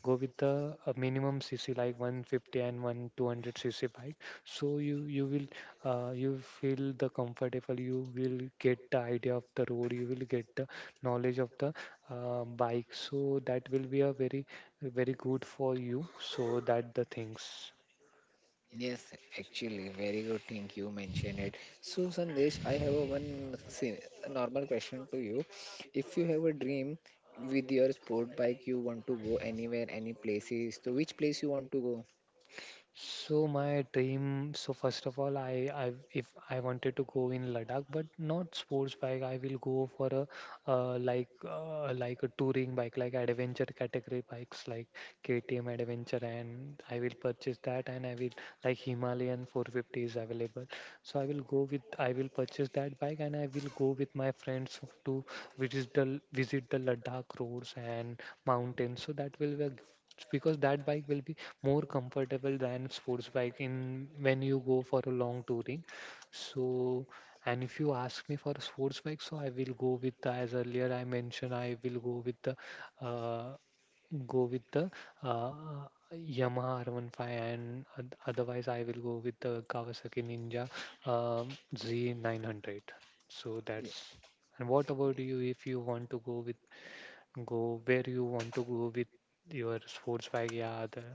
go with the minimum cc like 150 and 1,200 cc bike, so you will you feel the comfortable, you will get the idea of the road, you will get the knowledge of the bike, so that will be a very good for you. So that the things.
Yes, actually very good thing you mentioned it. So Sandesh, I have a one si, a normal question to you. If you have a dream with your sport bike, you want to go anywhere, any places, so which place you want to go?
So my dream, so first of all, I if I wanted to go in Ladakh, but not sports bike, I will go for a like a touring bike, like adventure category bikes, like KTM Adventure, and I will purchase that, and I will like Himalayan 450 is available, so I will purchase that bike, and I will go with my friends to visit the Ladakh roads and mountains, so that will be a because that bike will be more comfortable than sports bike in when you go for a long touring. So, and if you ask me for a sports bike, so I will go with the, as earlier I mentioned, I will uh, go with the uh, Yamaha R15, and otherwise I will go with the Kawasaki Ninja Z900. So
Yeah.
that's. And what about you, if you want to go with go where you want to go with your sports bike, yeah,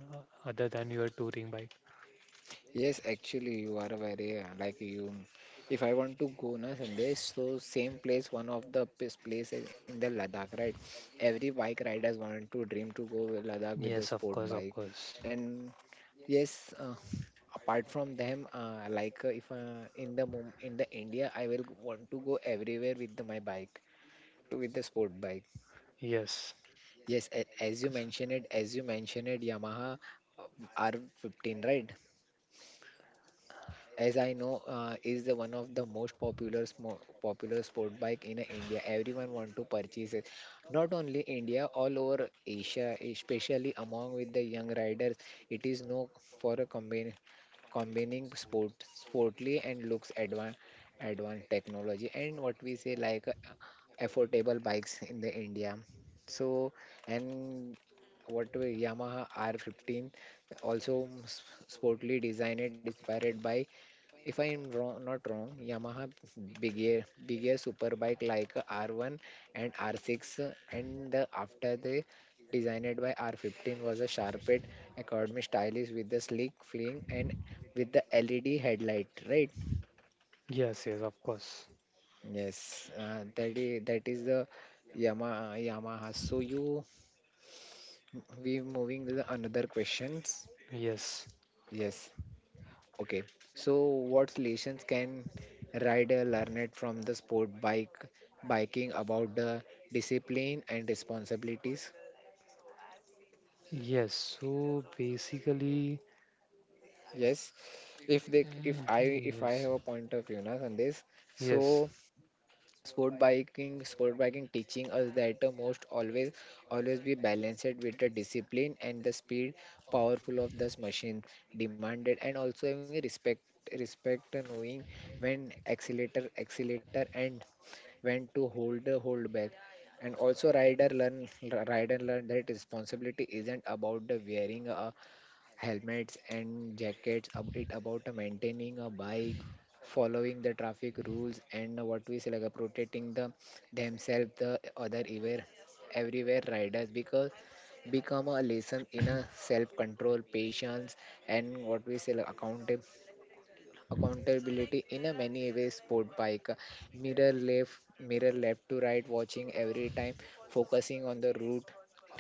other than your touring bike?
Yes, actually, you are very like you. If I want to go na Sandesh, so same place, one of the place in the Ladakh, right? Every bike riders want to dream to go with Ladakh with the
Yes, of
sport
course, of
bike,
course.
and yes, apart from them, like if in the in the India, I will want to go everywhere with the, my bike, to with the sport bike.
Yes.
Yes, as you
Cause-
mentioned it, as you mentioned it, Yamaha R15, right? As I know, is the one of the most popular smo popular sport bike in India. Everyone want to purchase it. Not only India, all over Asia, especially among with the young riders, it is known for a combine combining sport, sportly and looks advanced technology, and what we say like affordable bikes in the India. So, and what we Yamaha R15 also mm, sportly designed, inspired by, if I'm wrong, not wrong, Yamaha bigger superbike like R1 and R6, and after they designed by R15 was a sharpened economy stylish, with the sleek fling and with the LED headlight, right?
yes, yes, of course.
Yes, that is the Yamaha. So you we moving to the another questions.
Yes,
Yes. Okay, so what lessons can rider learn from the sport bike biking about the discipline and responsibilities?
yes. So basically,
Yes, if they if I
mhm,
if I
yes,
have a point of view na, on this,
yes.
so sport biking teaching us that the most always always be balanced with the discipline and the speed powerful of this machine demanded, and also having a respect respect knowing when accelerator and when to hold the hold back. And also rider learn that responsibility isn't about the wearing helmets and jackets, it about maintaining a bike, following the traffic rules, and what we say like protecting the themselves the other everywhere everywhere riders, because become a lesson in a self control patience, and what we say like accountability in a many ways. Sport bike mirror left mirror left to right watching every time, focusing on the route,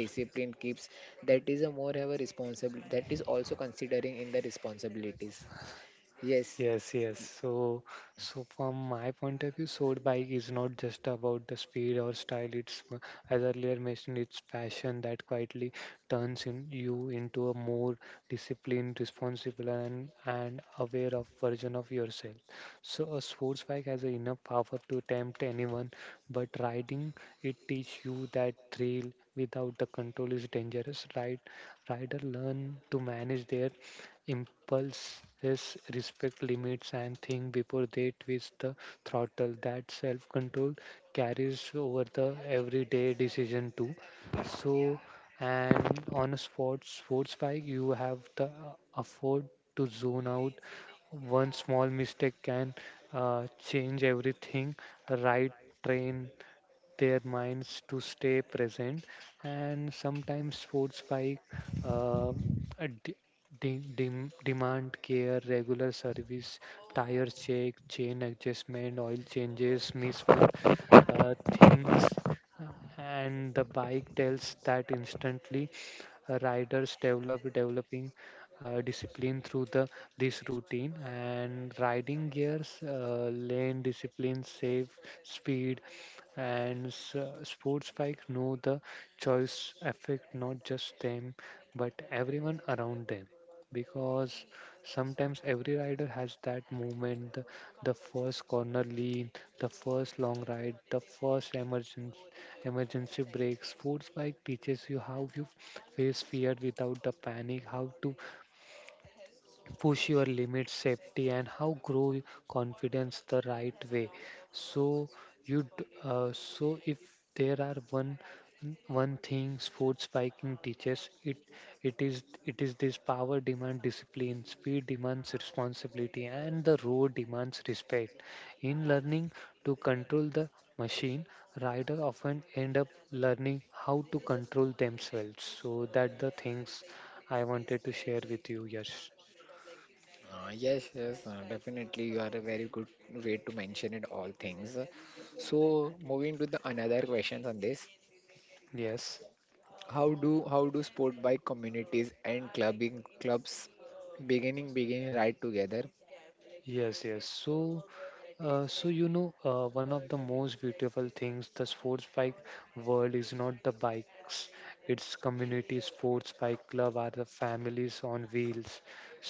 discipline keeps. That is a more have a responsibility, that is also considering in the responsibilities. Yes.
Yes, yes. So, so from my point of view, sword bike is not just about the speed or style. It's, as earlier mentioned, it's passion that quietly turns in you into a more disciplined, responsible, and aware of version of yourself. So, a sports bike has a enough power to tempt anyone, but riding it teach you that thrill without the control is dangerous. Rider learn to manage their impulses, respect limits, and think before they twist the throttle. That self control carries over the everyday decision too. So, and on a sports bike, you have the afford to zone out. One small mistake can change everything. Right, train their minds to stay present. And sometimes sports bike uh, uh, de- demand care, regular service, tire check, chain adjustment, oil changes. Miss one things, uh, and the bike tells that instantly. Riders developing discipline through the this routine and riding gears, lane discipline, safe speed, and sports bike know the choice affect not just them, but everyone around them. Because sometimes every rider has that moment, the first corner lean, the first long ride, the first emergency break. Sports bike teaches you how you face fear without the panic, how to push your limits safety, and how grow confidence the right way. So so if there are one thing sports biking teaches, it is this: power demand discipline, speed demands responsibility, and the road demands respect. In learning to control the machine, rider often end up learning how to control themselves. So that the things I wanted to share with you, yes.
Yes, yes, definitely. You are a very good way to mention it all things. So, moving to the another questions on this.
Yes,
How do sport bike communities and clubbing clubs beginning beginning ride together?
yes, yes, So so one of the most beautiful things the sports bike world is not the bikes. It's community. Sports bike club are the families on wheels.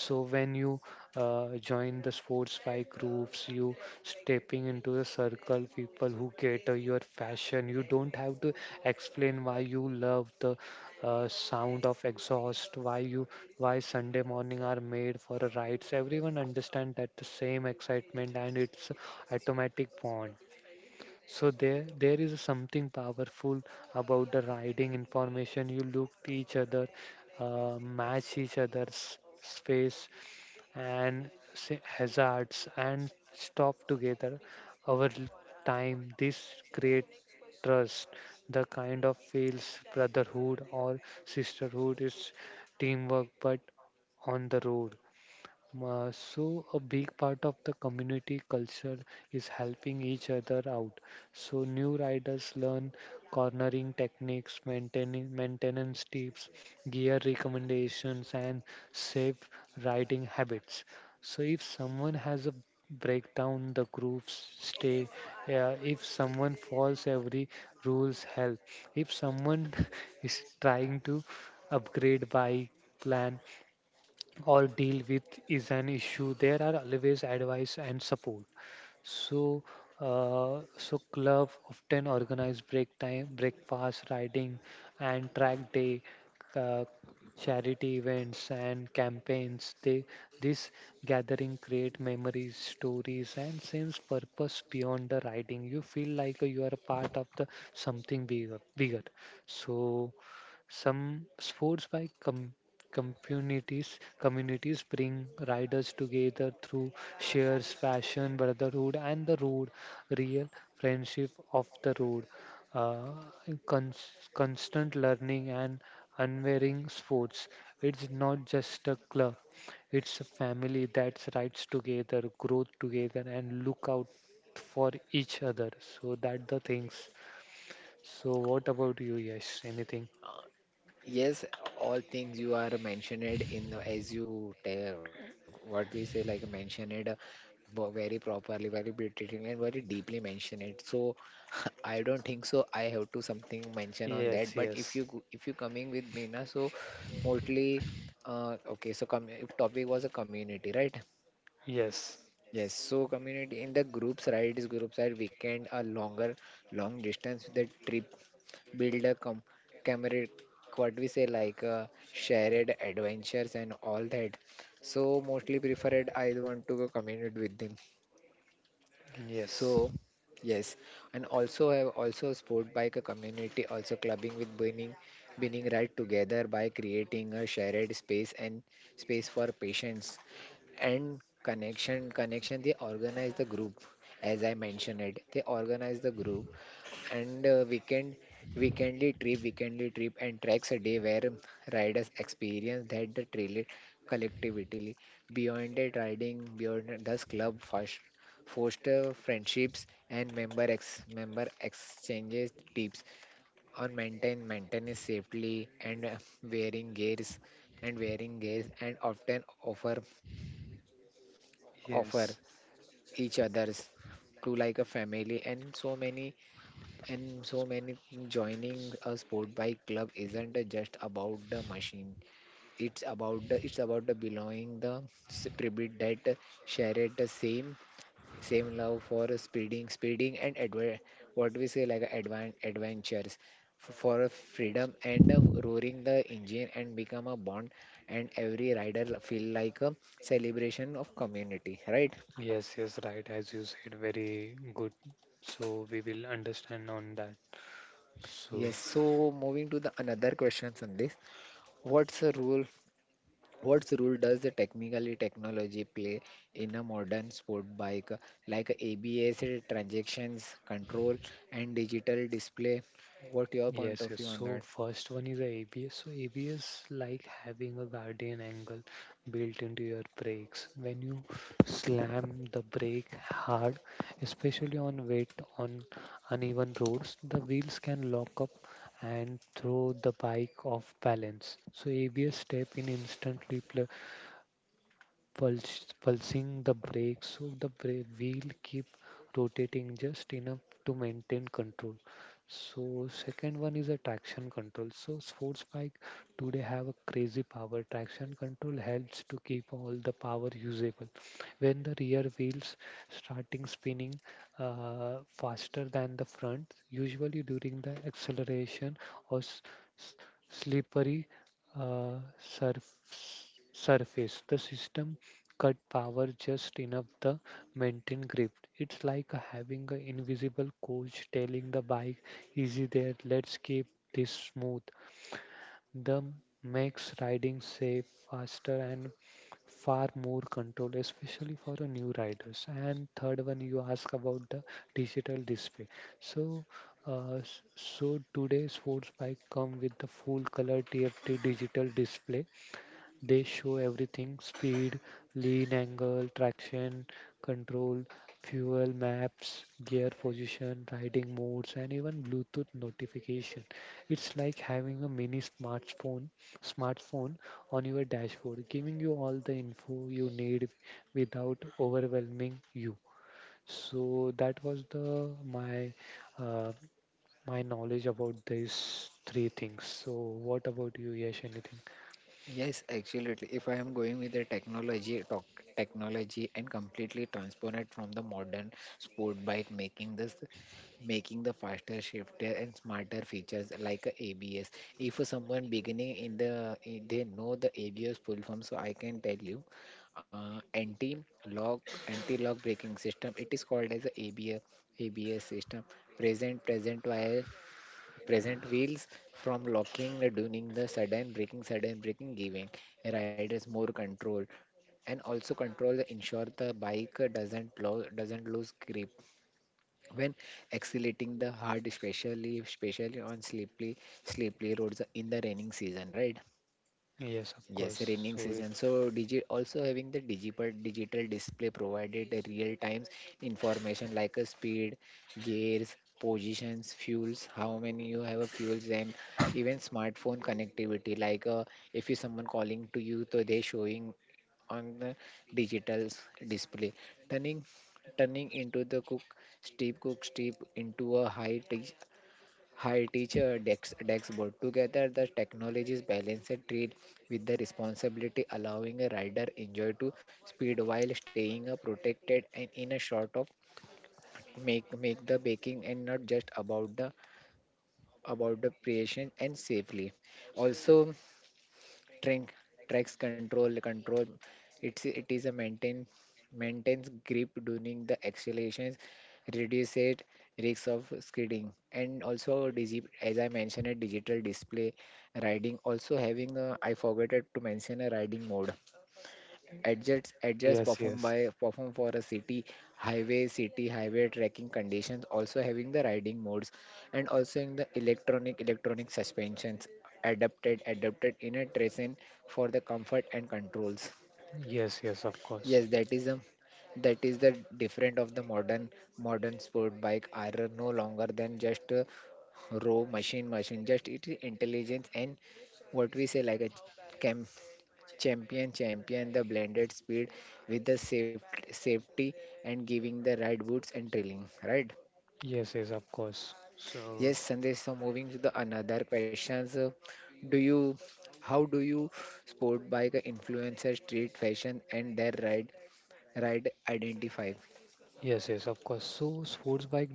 So when you join the sports bike groups, you stepping into the circle people who cater your fashion. You don't have to explain why you love the sound of exhaust, why you why Sunday morning are made for a rides. Everyone understand that the same excitement, and it's automatic font. So there is something powerful about the riding information. You look to each other, match each other's space, and hazards and stop together over l- time. This create trust. The kind of feels brotherhood or sisterhood is teamwork, but on the road. So a big part of the community culture is helping each other out. So new riders learn cornering techniques, maintaining maintenance tips, gear recommendations, and safe riding habits. So if someone has a breakdown, the groups stay. If someone falls, every rules help. If someone (laughs) is trying to upgrade bike plan, or deal with is an issue, there are always advice and support. So so club often organize break time, breakfast riding, and track day, uh, charity events and campaigns. They this gathering create memories, stories, and sense purpose beyond the riding. You feel like you are a part of the something bigger. So some sports by com- communities bring riders together through shares, fashion, brotherhood, and the road, real friendship of the road, uh, constant learning and unwearing sports. It's not just a club; it's a family that rides together, grows together, and look out for each other. So that the things. So what about you, Yes? Anything?
Uh, yes, all things you are mentioned in the, as you tell what we say like mentioned very properly, very beautifully, and very deeply mentioned it. So (laughs) I don't think so. I have to something mention on that.
Yes,
But
yes,
if you coming with me na, so mostly okay. So com if topic was a community, right?
yes,
Yes, so community in the groups rides, groups are weekend a longer, long distance. The trip build a com camaraderie, what we say like shared adventures and all that. So mostly preferred, I want to go community with them.
yes.
So yes, and also have also sport bike a community, also clubbing with winning ride together by creating a shared space and space for patients and connection they organize the group, as I mentioned it, they organize the group, and weekend weekendly trip and tracks a day where riders experience that the trail collectively beyond it riding beyond it. Thus club first foster friendships, and member exchanges tips on maintain maintenance safely and wearing gears and wearing gears, and often offer
Yes,
each other's to like a family, and so many joining a sport bike club isn't just about the machine. It's about the, it's about the belonging, the tribute that share it the same same love for speeding and what we say like adventures, for a freedom and a roaring the engine, and become a bond, and every rider feel like a celebration of community, right?
yes, yes, right. As you said, very good. So we will understand on that. So,
Yes, so moving to the another questions on this. What's the role? What's role does the technically technology play in a modern sport bike like ABS, transactions control, and digital display? What your point
yes,
of
yes.
view on
So,
that?
first one is ABS. So, ABS like having a guardian angle built into your brakes. When you slam the brake hard, especially on wet, on uneven roads, the wheels can lock up and throw the bike off balance. So, ABS step in instantly pulsing the brake, so the brake wheel keep rotating just enough to maintain control. So second one is a traction control. So sports bike today have a crazy power. Traction control helps to keep all the power usable when the rear wheels starting spinning faster than the front, usually during the acceleration or s- slippery uh, surf- surface. The system cut power just enough to maintain grip. It's like having an invisible coach telling the bike, easy there, let's keep this smooth. The makes riding safe, faster, and far more control, especially for the new riders. And third one, you ask about the digital display. So, so today's sports bike come with the full color TFT digital display. They show everything: speed, lean angle, traction control, fuel maps, gear position, riding modes, and even Bluetooth notification. It's like having a mini smartphone on your dashboard, giving you all the info you need without overwhelming you. So that was the uh, my knowledge about these three things. So what about you, Yash? Anything?
Yes, absolutely. If I am going with the technology, talk, technology, and completely transform it from the modern sport bike, making this, making the faster, shifter, and smarter features like a ABS. If someone beginning in the, in- they know the ABS full form, so I can tell you, uh, anti-lock, anti-lock braking system. It is called as a ABS, ABS system. Present, present wire Present wheels from locking, doing the sudden braking, giving riders more control, and also control the ensure the bike doesn't lose grip when accelerating the hard, especially on slippery roads in the raining season, right?
Yes, of
Yes,
course.
raining
So it,
season. So, digi also having the digital display provided a real-time information like a speed, gears, positions, fuels, how many you have a fuels, and even smartphone connectivity. Like if you someone calling to you, so they showing on the digital display, turning turning into the cook steep into a high tech. Hi teacher, Dex, Dex board. Together, the technologies balance a treat with the responsibility, allowing a rider enjoy to speed while staying protected, and in a short of make make the baking, and not just about the, about the creation and safely. Also, Trink tracks control control. It's, it is a maintain maintains grip during the accelerations, reduces risks of skidding, and also digi, as I mentioned, a digital display riding. Also having a, I forgot to mention a riding mode. Adjusts
yes,
performed
yes,
by performed for a city highway tracking conditions, also having the riding modes and also in the electronic suspensions adapted in a terrain for the comfort and controls.
yes, yes, of course.
Yes, that is a that is the different of the modern sport bike are no longer than just a raw machine just it is intelligence and what we say like a cam champion the blended speed with the safety and giving the right boots and trailing right
Yes, yes, of course. So,
yes Sandesh, so moving to the another questions do you how do you sport bike influencer street fashion and their ride identify.
yes, yes, of course. So, sports bike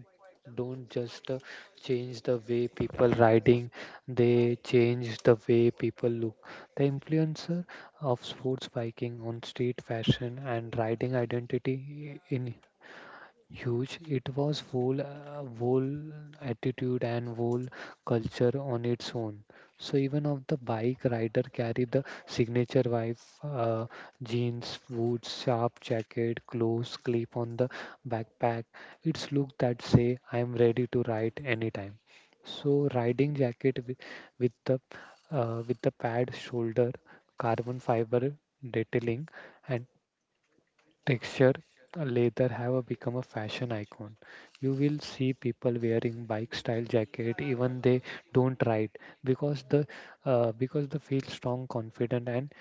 don't just change the way people riding, they change the way people look. The influencer of sports biking on street fashion and riding identity in huge. It was whole, whole attitude and whole culture on its own. So even of the bike rider carry the signature vibe, uh, jeans, boots, sharp jacket, clothes, clip on the backpack. It's look that say I'm ready to ride anytime. So riding jacket with the with the pad shoulder, carbon fiber detailing and texture, leather have become a fashion icon. You will see people wearing bike style jacket even they don't ride, because the because they feel strong, confident, and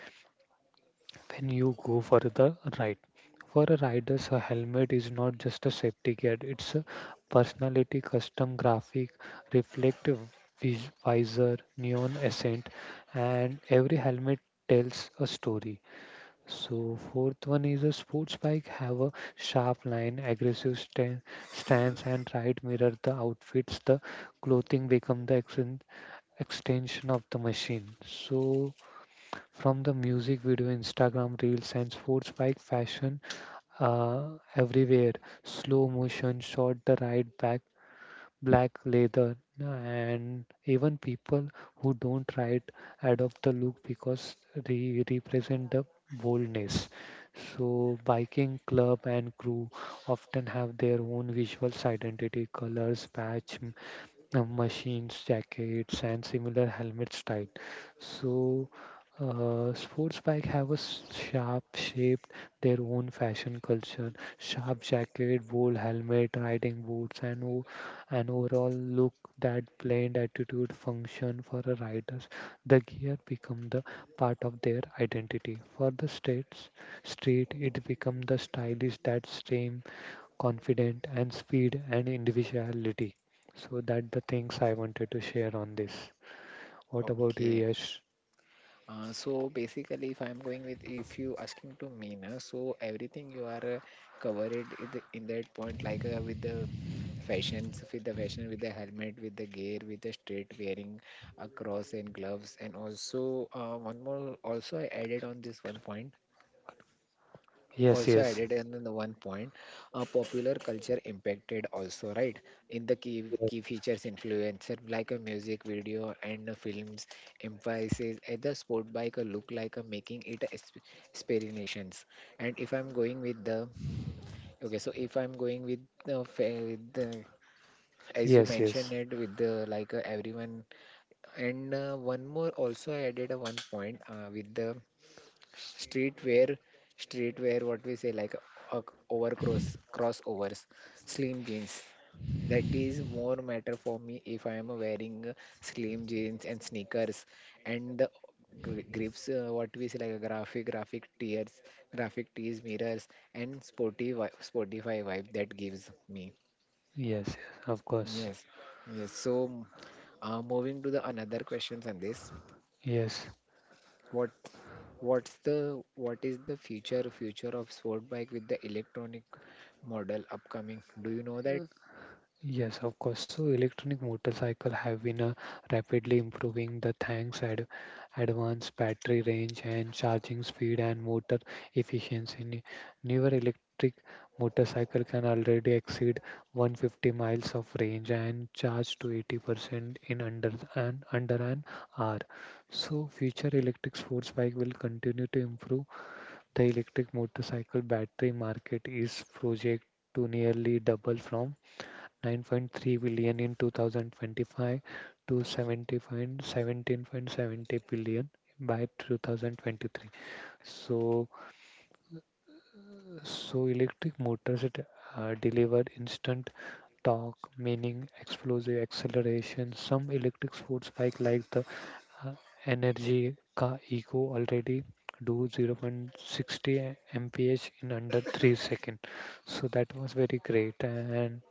when you go for the ride. For a rider's a helmet is not just a safety gear; it's a personality, custom graphic, reflective visor, neon accent, and every helmet tells a story. So fourth one is a sports bike have a sharp line, aggressive stance, and right mirror the outfits. The clothing become the extension of the machine. So from the music video, Instagram reels, and sports bike fashion everywhere. Slow motion shot, the ride back black leather, and even people who don't try it adopt the look because they represent the boldness. So biking club and crew often have their own visual identity, colors, patch, machines, jackets, and similar helmet style. So, sports bike have a sharp shape, their own fashion culture. Sharp jacket, bold helmet, riding boots, and an overall look that blend attitude function for a riders. The gear become the part of their identity. For the states, street, it become the stylish that stream confident and speed and individuality. So that the things I wanted to share on this. What about you,
Okay.
Yash?
So basically, if I'm going with, if you asking to me, na, so everything you are covered in, the, in that point, like with the fashions, with the fashion, with the helmet, with the gear, with the straight wearing across and gloves, and also one more. Also, I added on this one point
Yes,
also
yes,
added in the one point popular culture impacted also right in the key features influencer like a music video and films emphasizes at the sport bike a look like a making it explanations. And if I'm going with the okay, so if I'm going with the, the as you
yes, yes,
mentioned
yes,
it with the like everyone and one more also I added a one point with the streetwear streetwear what we say like uh, over cross crossovers slim jeans that is more matter for me if I am wearing slim jeans and sneakers and the grips what we say like a graphic graphic tears graphic tees mirrors and sporty spotify vibe that gives me.
yes, of course.
Yes, yes, so moving to the another questions on this.
Yes,
What what's the what is the future of sport bike with the electronic model upcoming? Do you know that?
yes, of course. So electronic motorcycle have been rapidly improving the thanks ad advanced battery range and charging speed and motor efficiency. Newer electric motorcycle can already exceed 150 miles of range and charge to 80% in under an hour. So future electric sports bike will continue to improve. The electric motorcycle battery market is project to nearly double from 9.3 billion in 2025 to 17.70 billion by 2023. So, so electric motors it, deliver instant torque, meaning explosive acceleration. Some electric sports bike like the uh, Energy Ka Eco already do 0.60 mph in under 3 seconds, so that was very great and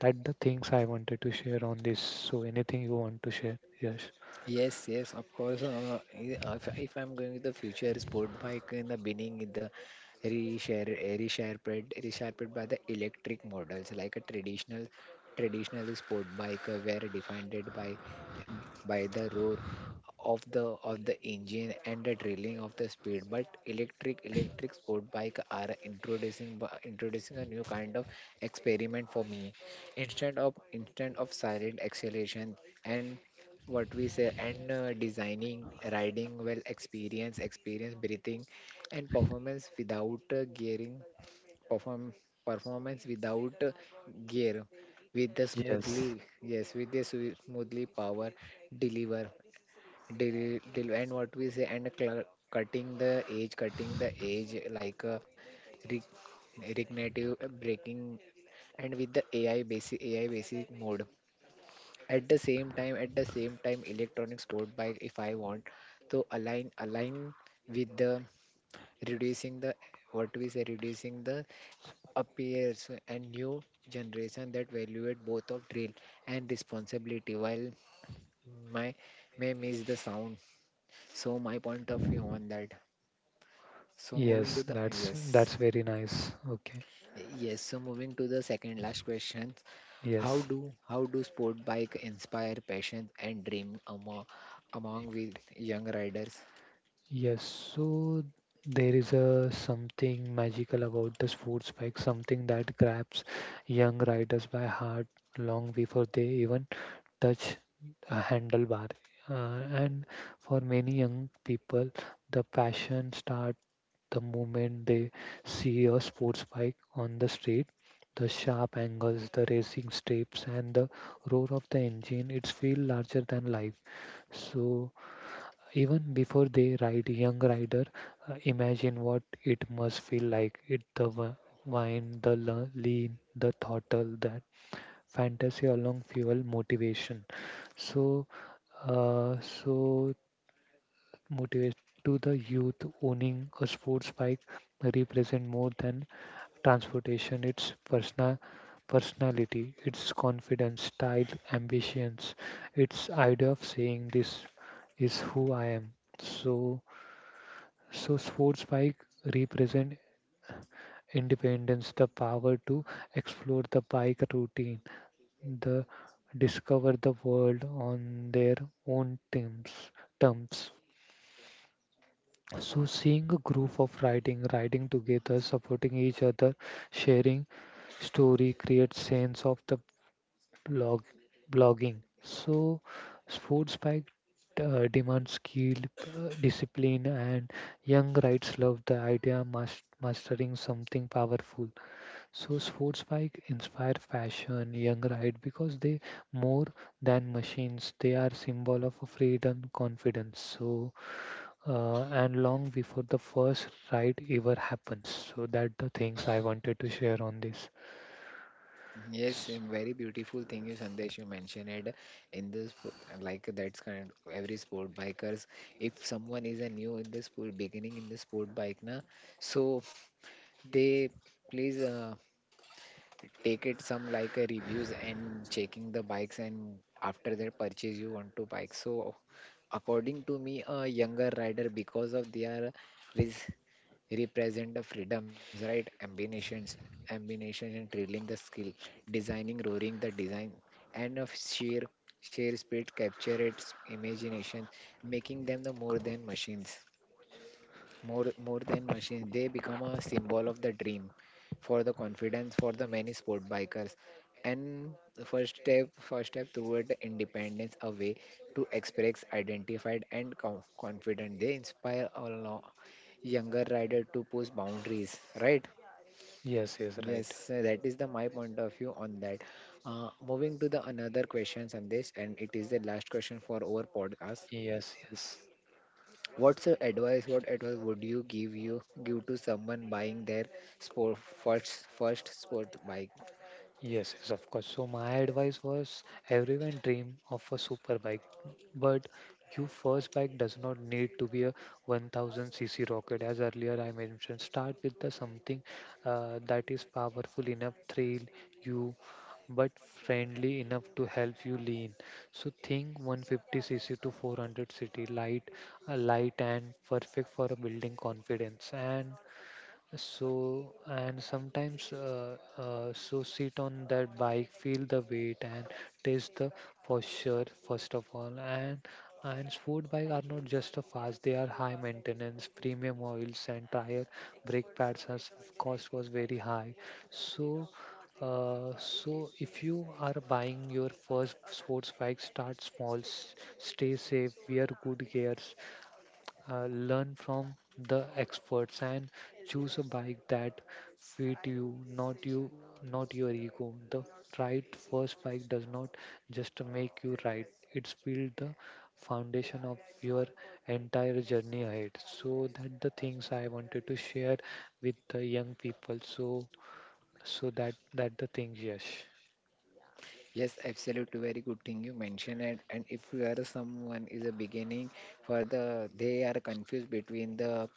that the things I wanted to share on this. So anything you want to share? Yes.
Yes, yes, of course. If I'm going with the future sport bike in the beginning, in the reshare resharpened by the electric models like a traditional sport bike were defined by the roar of the engine and the drilling of the speed, but electric sport bike are introducing introducing a new kind of experiment for me, instead of silent acceleration and what we say and designing riding well experience experience breathing and performance without gearing perform performance without gear with the
Yes.
smoothly, yes, with the smoothly power deliver. Del, del, and what we say, and cutting the edge like re- regenerative braking, and with the AI basic AI basic mode. At the same time, at the same time, electronic sport bike, if I want, to align with the reducing the what we say reducing the appears and new generation that valued both of drill and responsibility while my may miss the sound, so my point of view on that. So moving
Yes,
to the,
that's
yes.
that's very nice. Okay.
Yes, so moving to the second last question.
Yes.
How do sport bike inspire passion and dream among among with young riders?
Yes. So there is a something magical about the sports bike, something that grabs young riders by heart long before they even touch a handlebar. And for many young people, the passion starts the moment they see a sports bike on the street, the sharp angles, the racing steps, and the roar of the engine, it feels larger than life. So even before they ride, young rider imagine what it must feel like. It the wine, the lean, the throttle, that fantasy along fuel motivation. So so motivate to the youth owning a sports bike represent more than transportation, its persona, personality, its confidence, style, ambitions, its idea of saying this is who I am. So, so sports bike represent independence, the power to explore the bike routine, the discover the world on their own terms. So, seeing a group of riding together, supporting each other, sharing story creates sense of the blog blogging. So sports bike demands skill, discipline, and young rides love the idea mastering something powerful. So sports bike inspire fashion, young ride because they more than machines. They are symbol of freedom, confidence. And long before the first ride ever happens. So that the things I wanted to share on this.
Yes, a
S-
very beautiful thing you Sandesh you mentioned it in this like that's kind of every sport bikers. If someone is a new in the sport beginning in the sport bike na, so they please take it some like a reviews and checking the bikes and after their purchase you want to bike, so according to me a younger rider because of their res- represent the freedoms right ambitions ambition and drilling the skill designing roaring the design and of sheer speed capture its imagination making them the more than machines more more than machines they become a symbol of the dream for the confidence for the many sport bikers and the first step toward the independence a way to express identified and confident they inspire a younger rider to push boundaries right.
Yes, yes, right.
Yes, that is the my point of view on that. Moving to the another question Sandesh, and it is the last question for our podcast.
Yes, yes.
What's your advice? What advice would you give to someone buying their sport first sport bike?
Yes, yes, of course. So my advice was everyone dream of a super bike, but your first bike does not need to be a 1000cc rocket. As earlier I mentioned, start with the something that is powerful enough, thrill you, but friendly enough to help you lean. So think 150cc to 400cc, light, light and perfect for building confidence and so and sometimes so sit on that bike feel the weight and taste the posture first of all and sport bike are not just a fast, they are high maintenance premium oils and tire brake pads has cost was very high. So so if you are buying your first sports bike, start small, stay safe, wear good gears, learn from the experts and choose a bike that fit you, not you, not your ego. The right first bike does not just make you right, it's build the foundation of your entire journey ahead. So that the things I wanted to share with the young people. So that the things, yes.
Yes, absolutely very good thing you mentioned it. And if you are someone is a beginning for the they are confused between the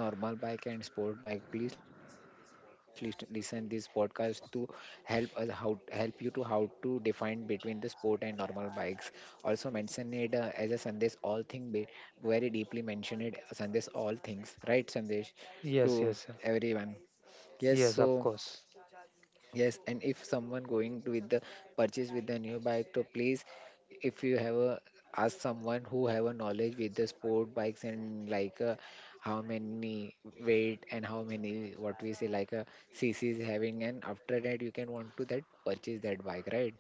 normal bike and sport bike please listen this podcast to help us how help you to how to define between the sport and normal bikes also mention it as a Sandesh all thing be very deeply mention it Sandesh all things right Sandesh to
Yes. Yes.
everyone yes
Yes,
so.
of course.
Yes, and if someone going to with the purchase with the new bike, to please, if you have a ask someone who have a knowledge with the sport bikes and like how many weight and how many what we say like a CC is having, and after that you can want to that purchase that bike, right?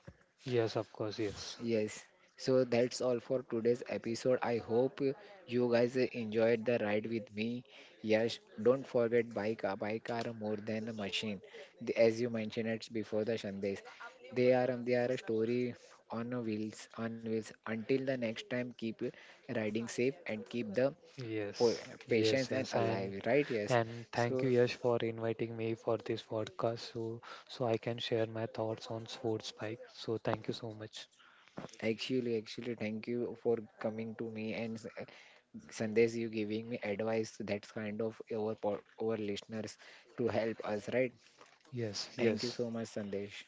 Yes, of course. Yes.
Yes. So that's all for today's episode. I hope you guys enjoyed the ride with me. Yes, don't forget bike are more than a machine. As you mentioned it before the Shandesh. They are a story on a wheels on wheels. Until the next time, keep riding safe and keep the po-
Yes, yes,
patience and
yes, and
alive, right? Yes.
and thank
So
you, Yash, for inviting me for this podcast, so so I can share my thoughts on sports bike. So thank you so much.
actually, thank you for coming to me and Sandesh, you giving me advice that's kind of our our listeners to help us, right?
Yes,
Thank you
yes.
so much, Sandesh.